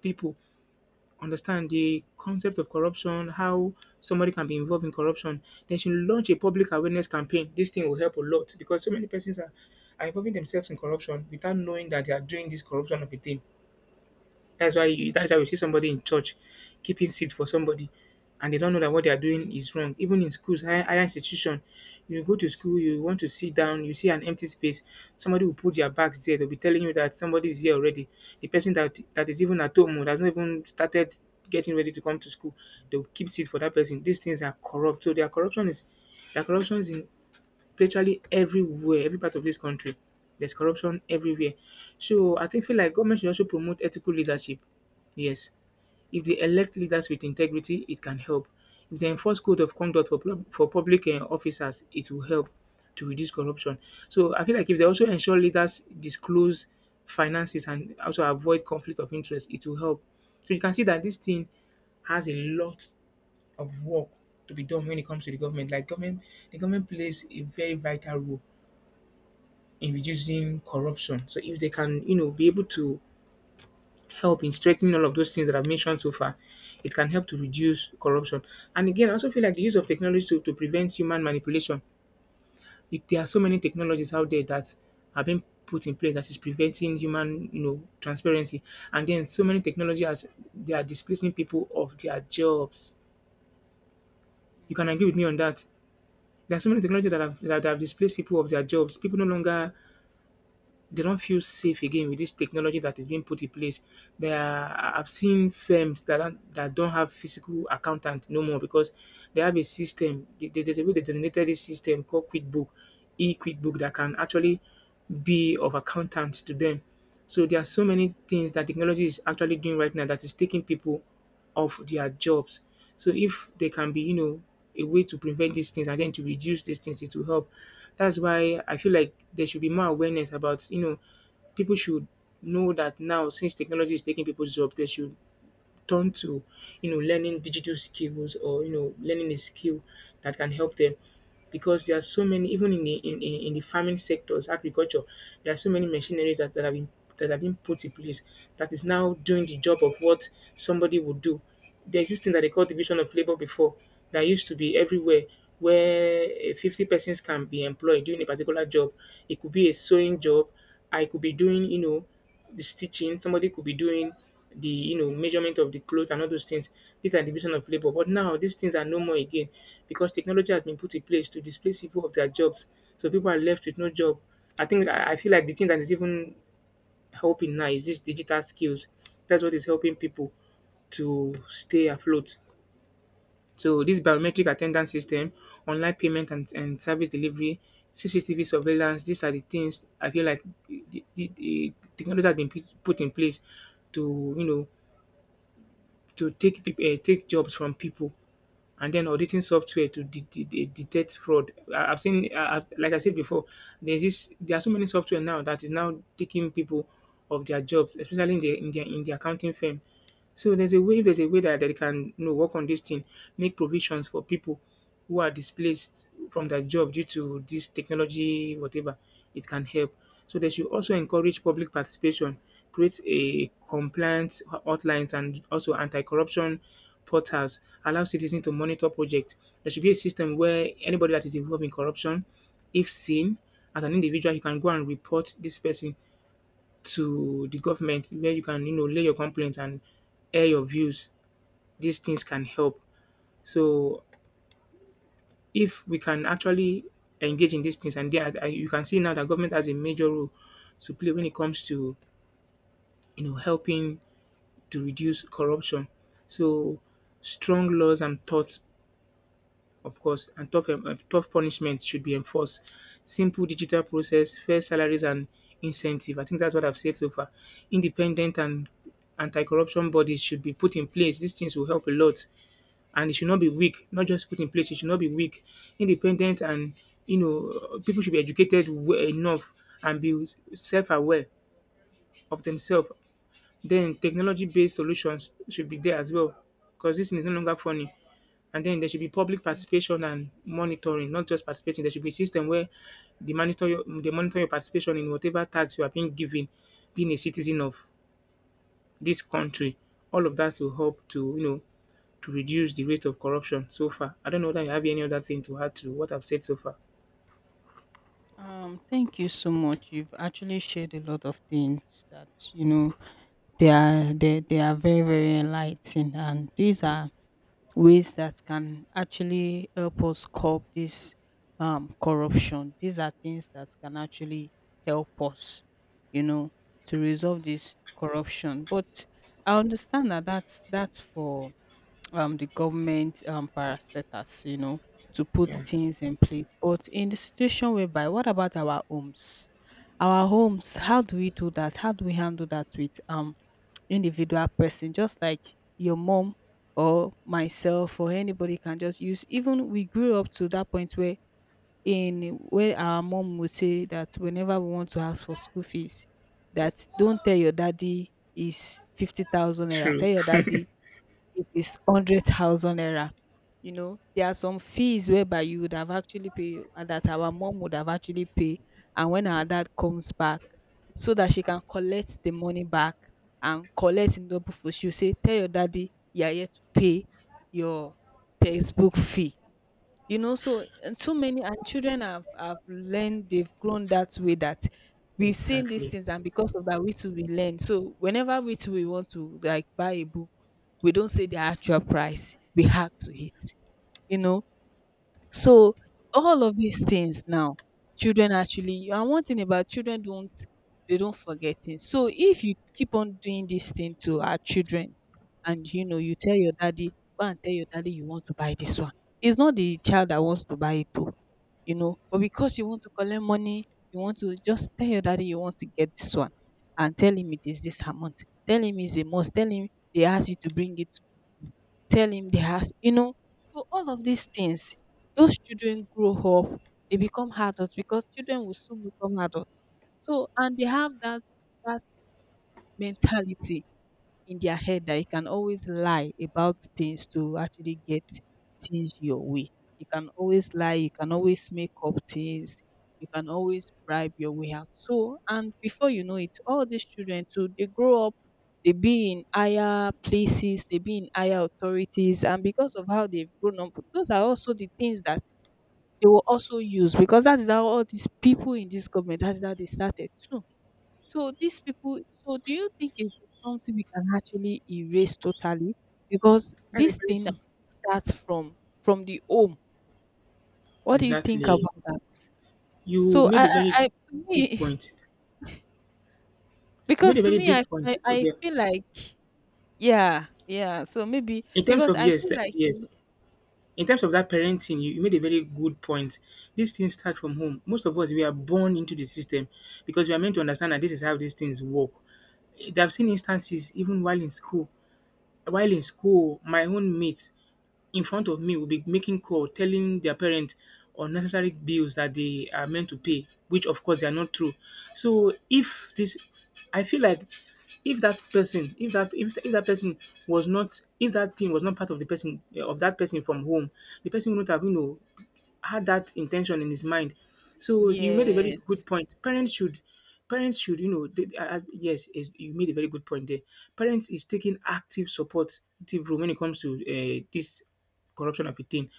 B: people understand the concept of corruption, how somebody can be involved in corruption. Then she launch a public awareness campaign. This thing will help a lot because so many persons are involving themselves in corruption without knowing that they are doing this corruption of a thing. That's why you see somebody in church keeping seat for somebody and they don't know that what they are doing is wrong. Even in schools, higher institution, you go to school, you want to sit down, you see an empty space, somebody will put their bags there. They'll be telling you that somebody is here already. The person that is even at home or has not even started getting ready to come to school, they'll keep seat for that person. These things are corrupt. So their corruption is in virtually everywhere, every part of this country. There's corruption everywhere. So I think feel like government should also promote ethical leadership. Yes, if they elect leaders with integrity, it can help. If they enforce code of conduct for for public officers, it will help to reduce corruption. So I feel like if they also ensure leaders disclose finances and also avoid conflict of interest, it will help. So you can see that this thing has a lot of work to be done when it comes to the government. Like government, the government plays a very vital role in reducing corruption. So if they can, you know, be able to help in strengthening all of those things that I've mentioned so far, it can help to reduce corruption. And again, I also feel like the use of technology to prevent human manipulation. It, there are so many technologies
A: Mm,
B: out there that have been put in place that is preventing human, you know, transparency. And then so many technologies as they are displacing people of their jobs. You
A: mm,
B: can agree with me on that. There are so many technologies
A: mm.
B: that have displaced people of their jobs. People no longer they don't feel safe again with this technology that is being put in place. There are, I've seen firms that don't have physical accountant no more because they have a system. There's a way they denominated this system called QuickBook, e-QuickBook that can actually be of accountant to them. So there are so many things that technology is actually doing right now that is taking people of their jobs. So if there can be, you know, a way to prevent these things and then to reduce these things, it will help. That's why I feel like there should be more awareness about, you know, people should know that now since technology is taking people's job, they should turn to, you know, learning digital skills or, you know, learning a skill that can help them. Because there are so many, even in the farming sectors, agriculture, there are so many machineries that have been put in place that is now doing the job of what somebody would do. There's this thing that they call division of labor before that used to be everywhere where 50 persons can be employed doing a particular job. It could be a sewing job. I could be doing, the stitching. Somebody could be doing the measurement of the clothes and all those things. These are division of labor. But now these things are no more again because technology has been put in place to displace people of their jobs. So people are left with no job. I think I feel like the thing that is even helping now is this digital skills. That's what is helping people to stay afloat. So this biometric attendance system, online payment and service delivery, CCTV surveillance, these are the things I feel like the technology has been put in place to, you know, to take take jobs from people, and then auditing software to detect fraud. I've seen. Like I said before, there's this. There are so many software now that is now taking people of their jobs, especially in the accounting firm. So there's a way that they can, work on this thing, make provisions for people who are displaced from their job due to this technology, whatever, it can help. So they should also encourage public participation, create a compliance outlines and also anti-corruption portals, allow citizens to monitor projects. There should be a system where anybody that is involved in corruption, if seen as an individual, you can go and report this person to the government where you can, lay your complaints and air your views. These things can help. So if we can actually engage in these things, and there are you can see now that government has a major role to play when it comes to, helping to reduce corruption. So strong laws and thoughts, of course, and tough punishment should be enforced. Simple digital process, fair salaries and incentive. I think that's what I've said so far. Independent and anti-corruption bodies should be put in place. These things will help a lot, and it should not be weak. Not just put in place; it should not be weak. Independent and, people should be educated well enough and be self-aware of themselves. Then technology-based solutions should be there as well, because this thing is no longer funny. And then there should be public participation and monitoring, not just participating. There should be a system where they monitor your participation in whatever tax you are being given, being a citizen of this country. All of that will help to you know to reduce the rate of corruption so far. I don't know that you have any other thing to add to what I've said so far.
A: Thank you so much. You've actually shared a lot of things that you know they are very very enlightening, and these are ways that can actually help us curb this corruption. These are things that can actually help us, you know, to resolve this corruption. But I understand that that's for the government parastatals, you know, to put
B: Yeah,
A: things in place. But in the situation whereby, what about our homes? Our homes, how do we do that? How do we handle that with individual person, just like your mom or myself or anybody can just use. Even we grew up to that point where in where our mom would say that whenever we want to ask for school fees, that don't tell your daddy is 50,000 naira.
B: true.
A: Tell your daddy it is 100,000 naira. You know, there are some fees whereby you would have actually paid, and that our mom would have actually paid. And when our dad comes back, so that she can collect the money back and collect in double for, she'll say, tell your daddy you are here to pay your textbook fee, you know, so and so many. And children have learned, they've grown that way, that we've seen these
B: Exactly.
A: things, and because of that, we too we learn. So whenever we too we want to like buy a book, we don't say the actual price, we have to hit, you know. So all of these things now, children actually, and one thing about children don't, they don't forget things. So if you keep on doing this thing to our children, and you know, you tell your daddy, go and tell your daddy you want to buy this one. It's not the child that wants to buy it though, you know, but because you want to collect money, you want to just tell your daddy you want to get this one and tell him it is this amount. Tell him it's a must. Tell him they ask you to bring it, tell him they are, you know. So all of these things, those children grow up, they become adults, because children will soon become adults. So, and they have that, that mentality in their head, that you can always lie about things to actually get things your way. You can always lie, you can always make up things, you can always bribe your way out. So, and before you know it, all these children too, they grow up, they be in higher places, they be in higher authorities, and because of how they've grown up, those are also the things that they will also use, because that is how all these people in this government, that is how they started too. So these people, so do you think it is something we can actually erase totally? Because
B: That's a
A: this
B: very
A: thing
B: good-
A: starts from the home. What do you think
B: Exactly.
A: about that?
B: You
A: So
B: made
A: I
B: a very
A: I, I to
B: good
A: me
B: point. You made a
A: because to
B: very
A: me
B: big
A: I,
B: point.
A: I I
B: Yeah.
A: feel like yeah, yeah. So maybe
B: In terms
A: because
B: of,
A: I
B: yes,
A: feel
B: that,
A: like
B: yes.
A: it's...
B: In terms of that parenting, you made a very good point. These things start from home. Most of us we are born into the system because we are meant to understand that this is how these things work. I've seen instances even while in school. While in school, my own mates in front of me will be making call, telling their parents unnecessary bills that they are meant to pay, which of course they are not true. So if this, I feel like if that person if that if, if that person if that thing was not part of the person, of that person from home, the person wouldn't have, had that intention in his mind. So you made a very good
A: Yes.
B: point. Parents should you know You made a very good point there. Parents is taking active role when it comes to, this corruption of a thing.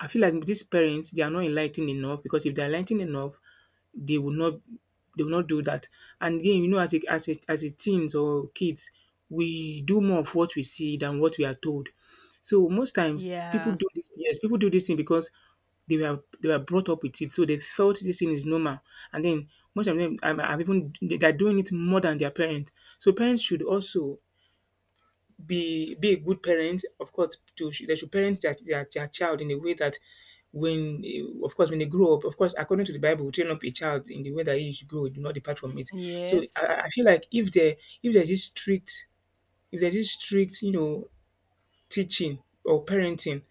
B: I feel like these parents they are not enlightened enough, because if they're enlightened enough, they will not they will not do that. And again, you know, as a teens or kids, we do more of what we see than what we are told. So most times
A: Yeah.
B: people do this thing because they were brought up with it. So they felt this thing is normal. And then most of them are even they're doing it more than their parents. So parents should also be a good parent. Of course, to they should parent their child in a way that when, of course, when they grow up, of course according to the Bible, train up a child in the way that he should grow, do not depart from it. So I,
A: Yes.
B: I I feel like if there's this strict if there's this strict teaching or parenting.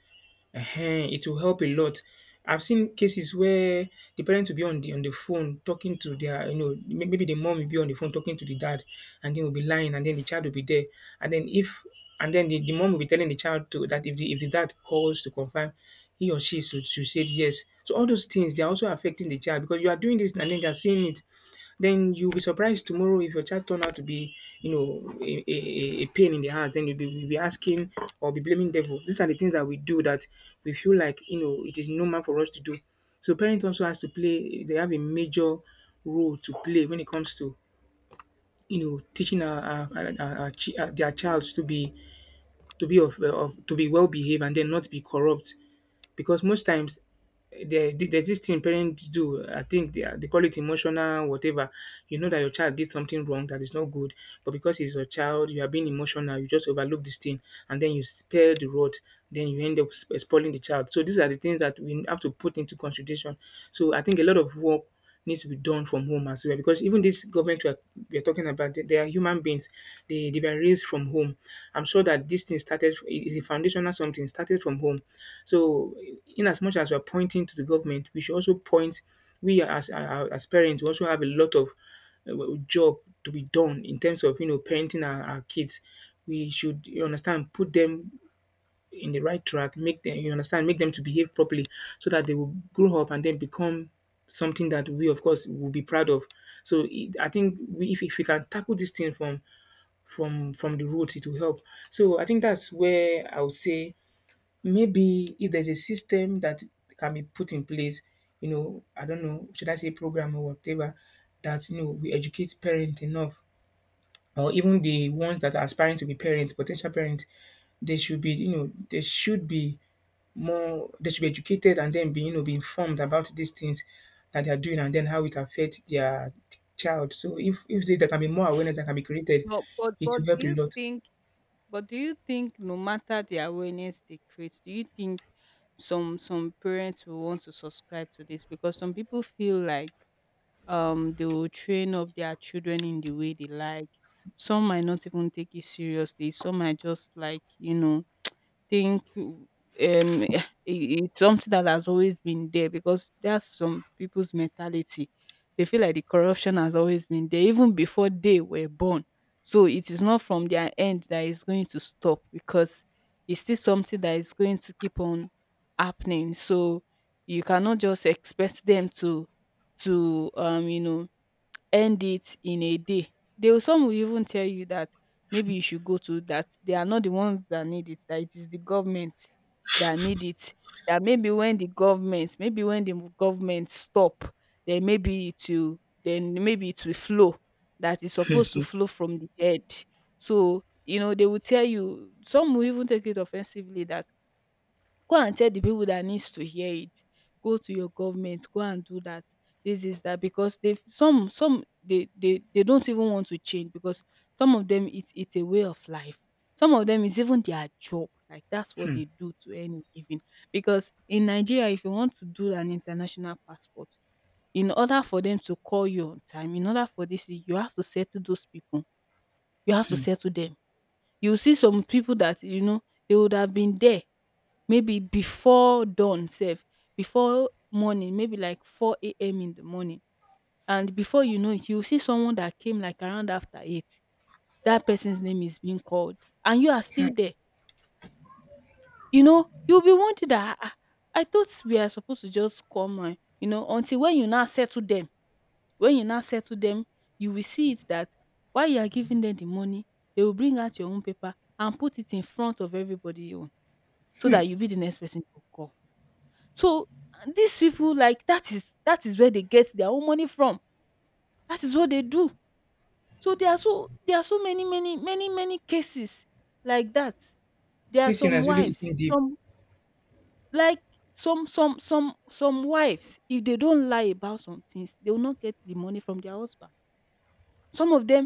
B: Ehen, it will help a lot. I've seen cases where the parent will be on the phone talking to their, you know, may- maybe the mom will be on the phone talking to the dad, and then will be lying, and then the child will be there, and then if, and then the mom will be telling the child to that if the dad calls to confirm, he or she should say yes. So all those things they are also affecting the child, because you are doing this, and then they are seeing it. Then you'll be surprised tomorrow if your child turned out to be, a pain in the heart. Then you'll be asking or be blaming devil. These are the things that we do that we feel like, it is normal for us to do. So parents also has to play, they have a major role to play when it comes to, teaching their child to be, to be of to be well behaved, and then not be corrupt, because most times there's this thing parents do. I think they call it emotional whatever. You know that your child did something wrong that is not good, but because he's your child, you are being emotional. You just overlook this thing, and then you spare the rod. Then you end up spoiling the child. So these are the things that we have to put into consideration. So I think a lot of work needs to be done from home as well, because even this government we are, talking about, they are human beings. They were raised from home. I'm sure that this thing started is a foundational something started from home. So, in as much as we're pointing to the government, we should also point. We, as parents, we also have a lot of, job to be done in terms of, you know, parenting our kids. We should, you understand put them in the right track, make them to behave properly, so that they will grow up and then become something that we, of course, will be proud of. So I think we, if we can tackle this thing from the roots, it will help. So I think that's where I would say, maybe if there's a system that can be put in place, I don't know, should I say program or whatever, that we educate parents enough, or even the ones that are aspiring to be parents, potential parents, they should be, you know, they should be more they should be educated, and then be you know be informed about these things that they are doing, and then how it affects their child. So if there can be more awareness that can be created,
A: But but
B: it
A: but
B: will
A: do
B: help a
A: you
B: lot.
A: think, but do you think no matter the awareness they create, do you think some parents will want to subscribe to this? Because some people feel like they will train up their children in the way they like. Some might not even take it seriously. Some might just like, you know, think um i- it's something that has always been there, because that's some people's mentality. They feel like the corruption has always been there even before they were born. So it is not from their end that is going to stop, because it's still something that is going to keep on happening. So you cannot just expect them to you know, end it in a day. They will, some will even tell you that maybe you should go to, that they are not the ones that need it, that it is the government that need it. That maybe when the government, maybe when the government stop, then maybe it will, then maybe it will flow. That is supposed to flow from the head. So, you know, they will tell you, some will even take it offensively that, go and tell the people that needs to hear it. Go to your government, go and do that, this, is that, because they, some, they don't even want to change, because some of them, it's a way of life. Some of them is even their job. Like, that's what they do to earn a living. Because in Nigeria, if you want to do an international passport, in order for them to call you on time, in order for this, you have to settle those people. You have to settle them. You see some people that you know they would have been there maybe before dawn sef, before morning maybe like 4 a.m. in the morning, and before you know it you will see someone that came like around after 8, that person's name is being called, and you are still
B: Hmm.
A: there. You know, you'll be wondering that, ah ah, I thought we are supposed to just come and, you know, until when you now settle them, when you now settle them, you will see it that while you are giving them the money, they will bring out your own paper and put it in front of everybody own, so that you be the next person to call. So these people, like, that is, that is where they get their own money from. That is what they do. So there are, so there are so many many many many cases like that. There are
B: This thing
A: some
B: has really
A: wives,
B: eaten deep.
A: some, like, some wives, if they don't lie about some things, they will not get the money from their husband. Some of them,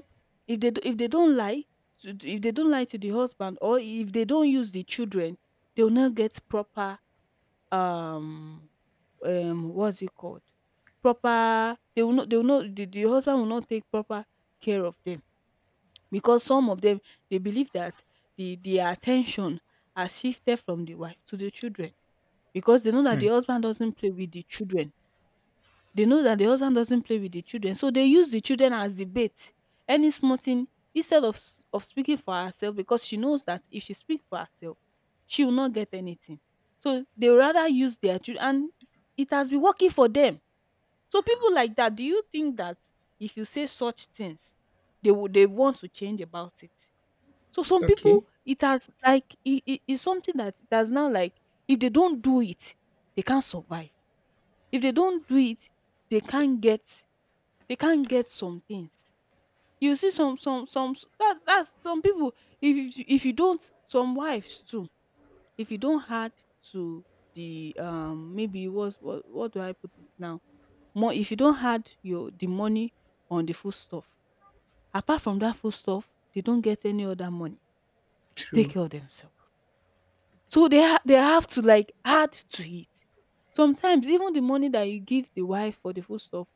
A: if they if they don't lie to, if they don't lie to the husband, or if they don't use the children, they will not get proper um what's it called? Proper, they will not the husband will not take proper care of them because some of them they believe that their attention has shifted from the wife to the children because they know that the husband doesn't play with the children. They know that the husband doesn't play with the children. So they use the children as the bait. Any small thing instead of of speaking for herself because she knows that if she speak for herself she will not get anything, so they rather use their children, and it has been working for them. So people like that, do you think that if you say such things, they would they want to change about it? So some people,
B: Okay,
A: it has like it is something that it has now, like if they don't do it, they can't survive. If they don't do it, they can't get they can't get some things. You see some that's some people if if you don't, some wives too, if you don't add to the maybe what's what do I put it now more, if you don't add your the money on the food stuff. Apart from that food stuff, they don't get any other money to take
B: true.
A: care of themselves. So they they have to like add to it. Sometimes even the money that you give the wife for the food stuff,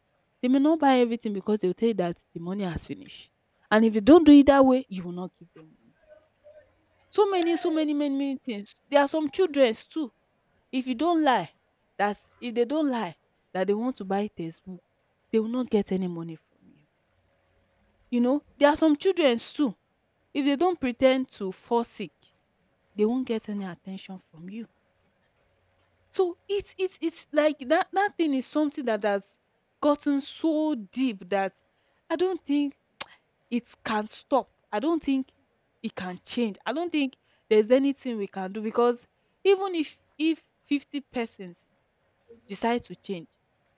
A: they may not buy everything because they'll tell you that the money has finished. And if you don't do it that way, you will not give them money. So many, so many, many, many things. There are some children too. If you don't lie, that if they don't lie that they want to buy textbook, they will not get any money from you. You know, there are some children too, if they don't pretend to fall sick, they won't get any attention from you. So it's like that, that thing is something that has gotten so deep that I don't think it can stop. I don't think it can change. I don't think there's anything we can do because even if 50 persons decide to change,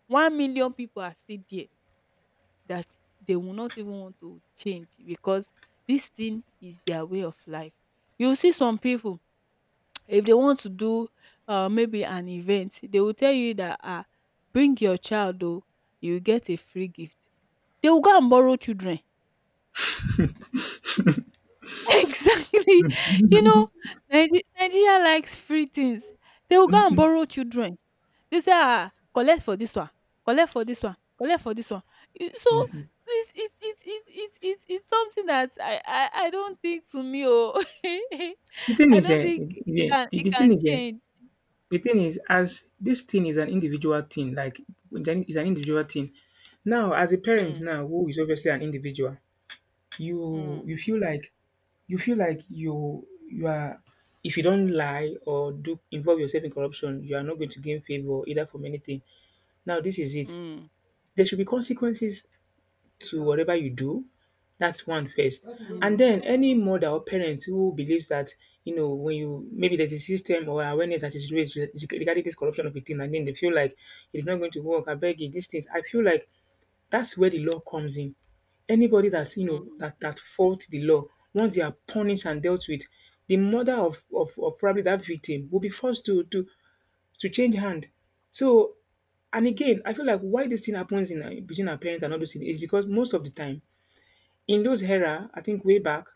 A: 1 million people are still there, that they will not even want to change because this thing is their way of life. You see some people if they want to do maybe an event, they will tell you that, ah, bring your child oh, you will get a free gift. They will go and borrow children. Exactly. You know, Nigeria likes free things. They will go and
B: hmm
A: borrow children. They say, ah, collect for this one, collect for this one, collect for this one. So it's something that I don't think, to me oh.
B: The thing
A: I
B: is,
A: don't think it can it can change.
B: the thing is, as this thing is an individual thing. Like, it's an individual thing. Now, as a parent,
A: Mm,
B: now, who is obviously an individual, you
A: mm,
B: you feel like you feel like you are, if you don't lie or do involve yourself in corruption, you are not going to gain favor either from anything. Now this is it.
A: mm,
B: There should be consequences to whatever you do. That's one first.
A: mm,
B: And then any mother or parent who believes that, you know, when you maybe there's a system or awareness that is raised regarding this corruption of a thing, and then they feel like it's not going to work. I beg you, these things. I feel like that's where the law comes in. Anybody that's, you know,
A: mm,
B: that fault the law, once they are punished and dealt with, the mother of probably that victim will be forced to change hand. So, and again, I feel like why this thing happens in between our parents and all those things is because most of the time in those era, I think way back,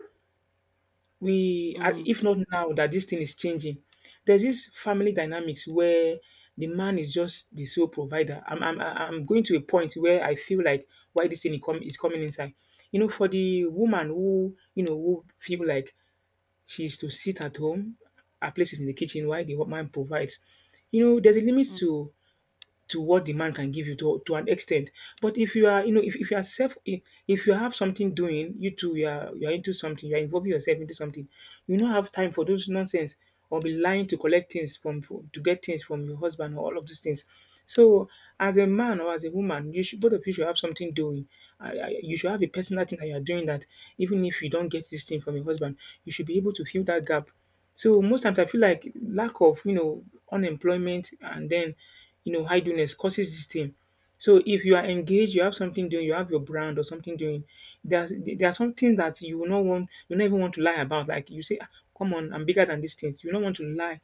B: we
A: mm,
B: if not now that this thing is changing, there's this family dynamics where the man is just the sole provider. I'm going to a point where I feel like why this thing is, is coming inside, you know, for the woman who, you know, who feel like she's to sit at home, her place is in the kitchen. Why the man provides, you know, there's a limit
A: mm,
B: to what the man can give you, to an extent. But if you are, you know, if you are self, if you have something doing, you too, you are into something, you are involving yourself into something, you don't have time for those nonsense or be lying to collect things from, to get things from your husband or all of these things. So, as a man or as a woman, you should, both of you should have something doing. You should have a personal thing that you are doing that, even if you don't get this thing from your husband, you should be able to fill that gap. So most times I feel like lack of, you know, unemployment and then, you know, idleness causes this thing. So if you are engaged, you have something doing, you have your brand or something doing. There are some things that you will not want, you never want to lie about. Like you say, "Ah, come on, I'm bigger than these things." You don't want to lie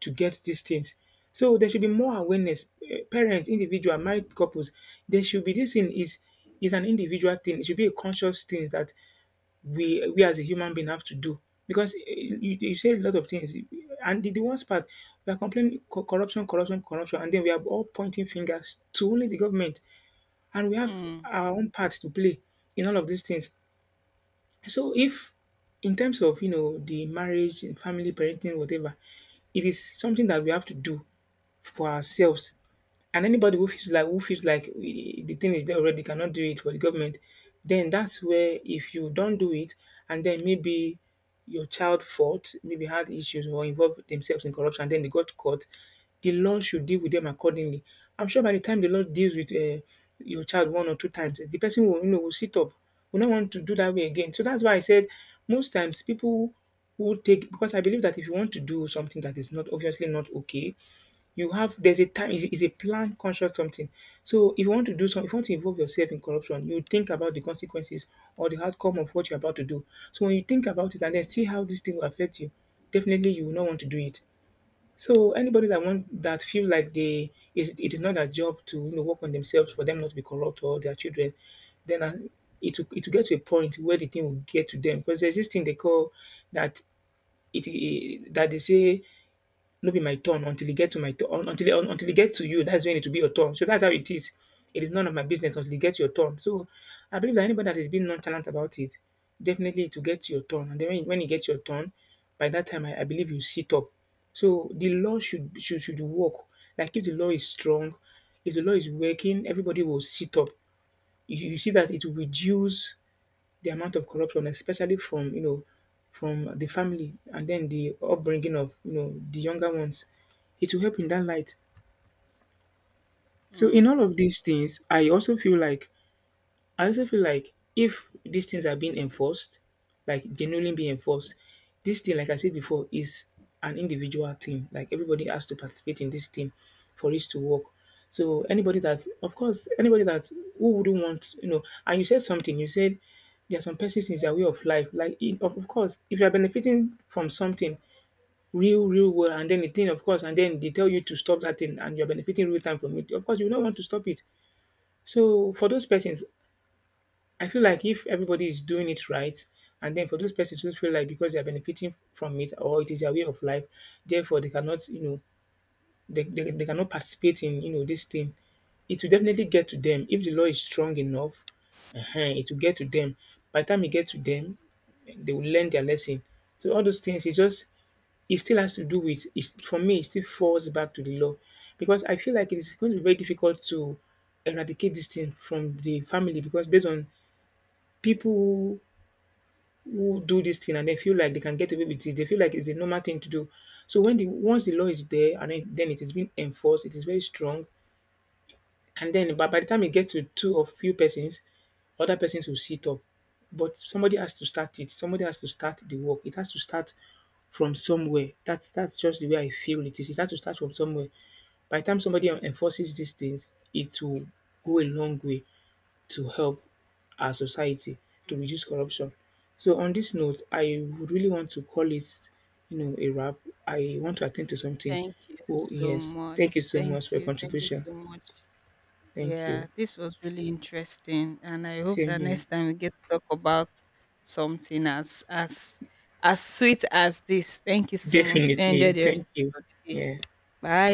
B: to get these things. So there should be more awareness. Eh, parents, individual, married couples, there should be, this thing is an individual thing. It should be a conscious thing that we as a human being have to do because you say a lot of things. And the worst part, we are complaining, corruption, corruption, corruption, and then we are all pointing fingers to only the government, and we have
A: mm,
B: our own part to play in all of these things. So if, in terms of, you know, the marriage, family, parenting, whatever, it is something that we have to do for ourselves. And anybody who feels like, the thing is there already, cannot do it for the government, then that's where if you don't do it, and then maybe your child fought, maybe had issues or involved themselves in corruption, then they got caught, the law should deal with them accordingly. I'm sure by the time the law deals with your child one or two times, the person will, you know, will sit up, will not want to do that way again. So that's why I said most times people who take, because I believe that if you want to do something that is not, obviously not okay, you have, there's a time, is a planned conscious something. So if you want to do something, if you want to involve yourself in corruption, you think about the consequences or the outcome of what you're about to do. So when you think about it and then see how this thing will affect you, definitely you will not want to do it. So anybody that
A: mm,
B: want, that feels like they, is, it is not their job to, you know, work on themselves for them not to be corrupt, or their children, then it will get to a point where the thing will get to them, because there's this thing they call, that, it, that they say, not be my turn until e get to my turn, until it, until e get to you. That's when it will be your turn. So that's how it is. It is none of my business until it gets your turn. So I believe that anybody that is being nonchalant about it, definitely to get your turn. And then when it gets your turn, by that time I believe you sit up. So the law should work. Like if the law is strong, if the law is working, everybody will sit up. You see that it will reduce the amount of corruption, especially from, you know, from the family and then the upbringing of, you know, the younger ones. It will help in that light. So in
A: mm.
B: all of these things, I also feel like, if these things are being enforced, like genuinely being enforced, this thing, like I said before, is an individual thing. Like everybody has to participate in this thing for it to work. So anybody that, of course, anybody that who wouldn't want, you know, and you said something. You said there are some persons in their way of life. Like it, of course, if you are benefiting from something real, real world, and then the thing, of course, and then they tell you to stop that thing, and you are benefiting real time from it. Of course, you don't want to stop it. So for those persons, I feel like if everybody is doing it right, and then for those persons who feel like, because they are benefiting from it or it is their way of life, therefore they cannot, you know, they cannot participate in, you know, this thing, it will definitely get to them. If the law is strong enough, ehen, it will get to them. By the time it gets to them, they will learn their lesson. So all those things, it just, it still has to do with, it's, for me, it still falls back to the law. Because I feel like it is going to be very difficult to eradicate this thing from the family, because based on people who do this thing and they feel like they can get away with it. They feel like it's a normal thing to do. So when the, once the law is there and then it is being enforced, it is very strong. And then by the time it gets to two or few persons, other persons will sit up. But somebody has to start it. Somebody has to start the work. It has to start from somewhere. That's just the way I feel it is. It has to start from somewhere. By the time somebody enforces these things, it will go a long way to help our society to reduce corruption. So on this note, I would really want to call it, you know, a wrap. I want to attend to something.
A: Thank you
B: Oh
A: so
B: yes,
A: much.
B: thank you so much
A: Thank
B: for your
A: you. Thank you
B: contribution.
A: so much.
B: Thank you.
A: Yeah, this was really interesting, and I hope
B: Same
A: that
B: here.
A: next time we get to talk about something as sweet as this. Thank you so much. Enjoy
B: Definitely.
A: the
B: Thank
A: rest
B: you.
A: of the day.
B: Yeah.
A: Bye.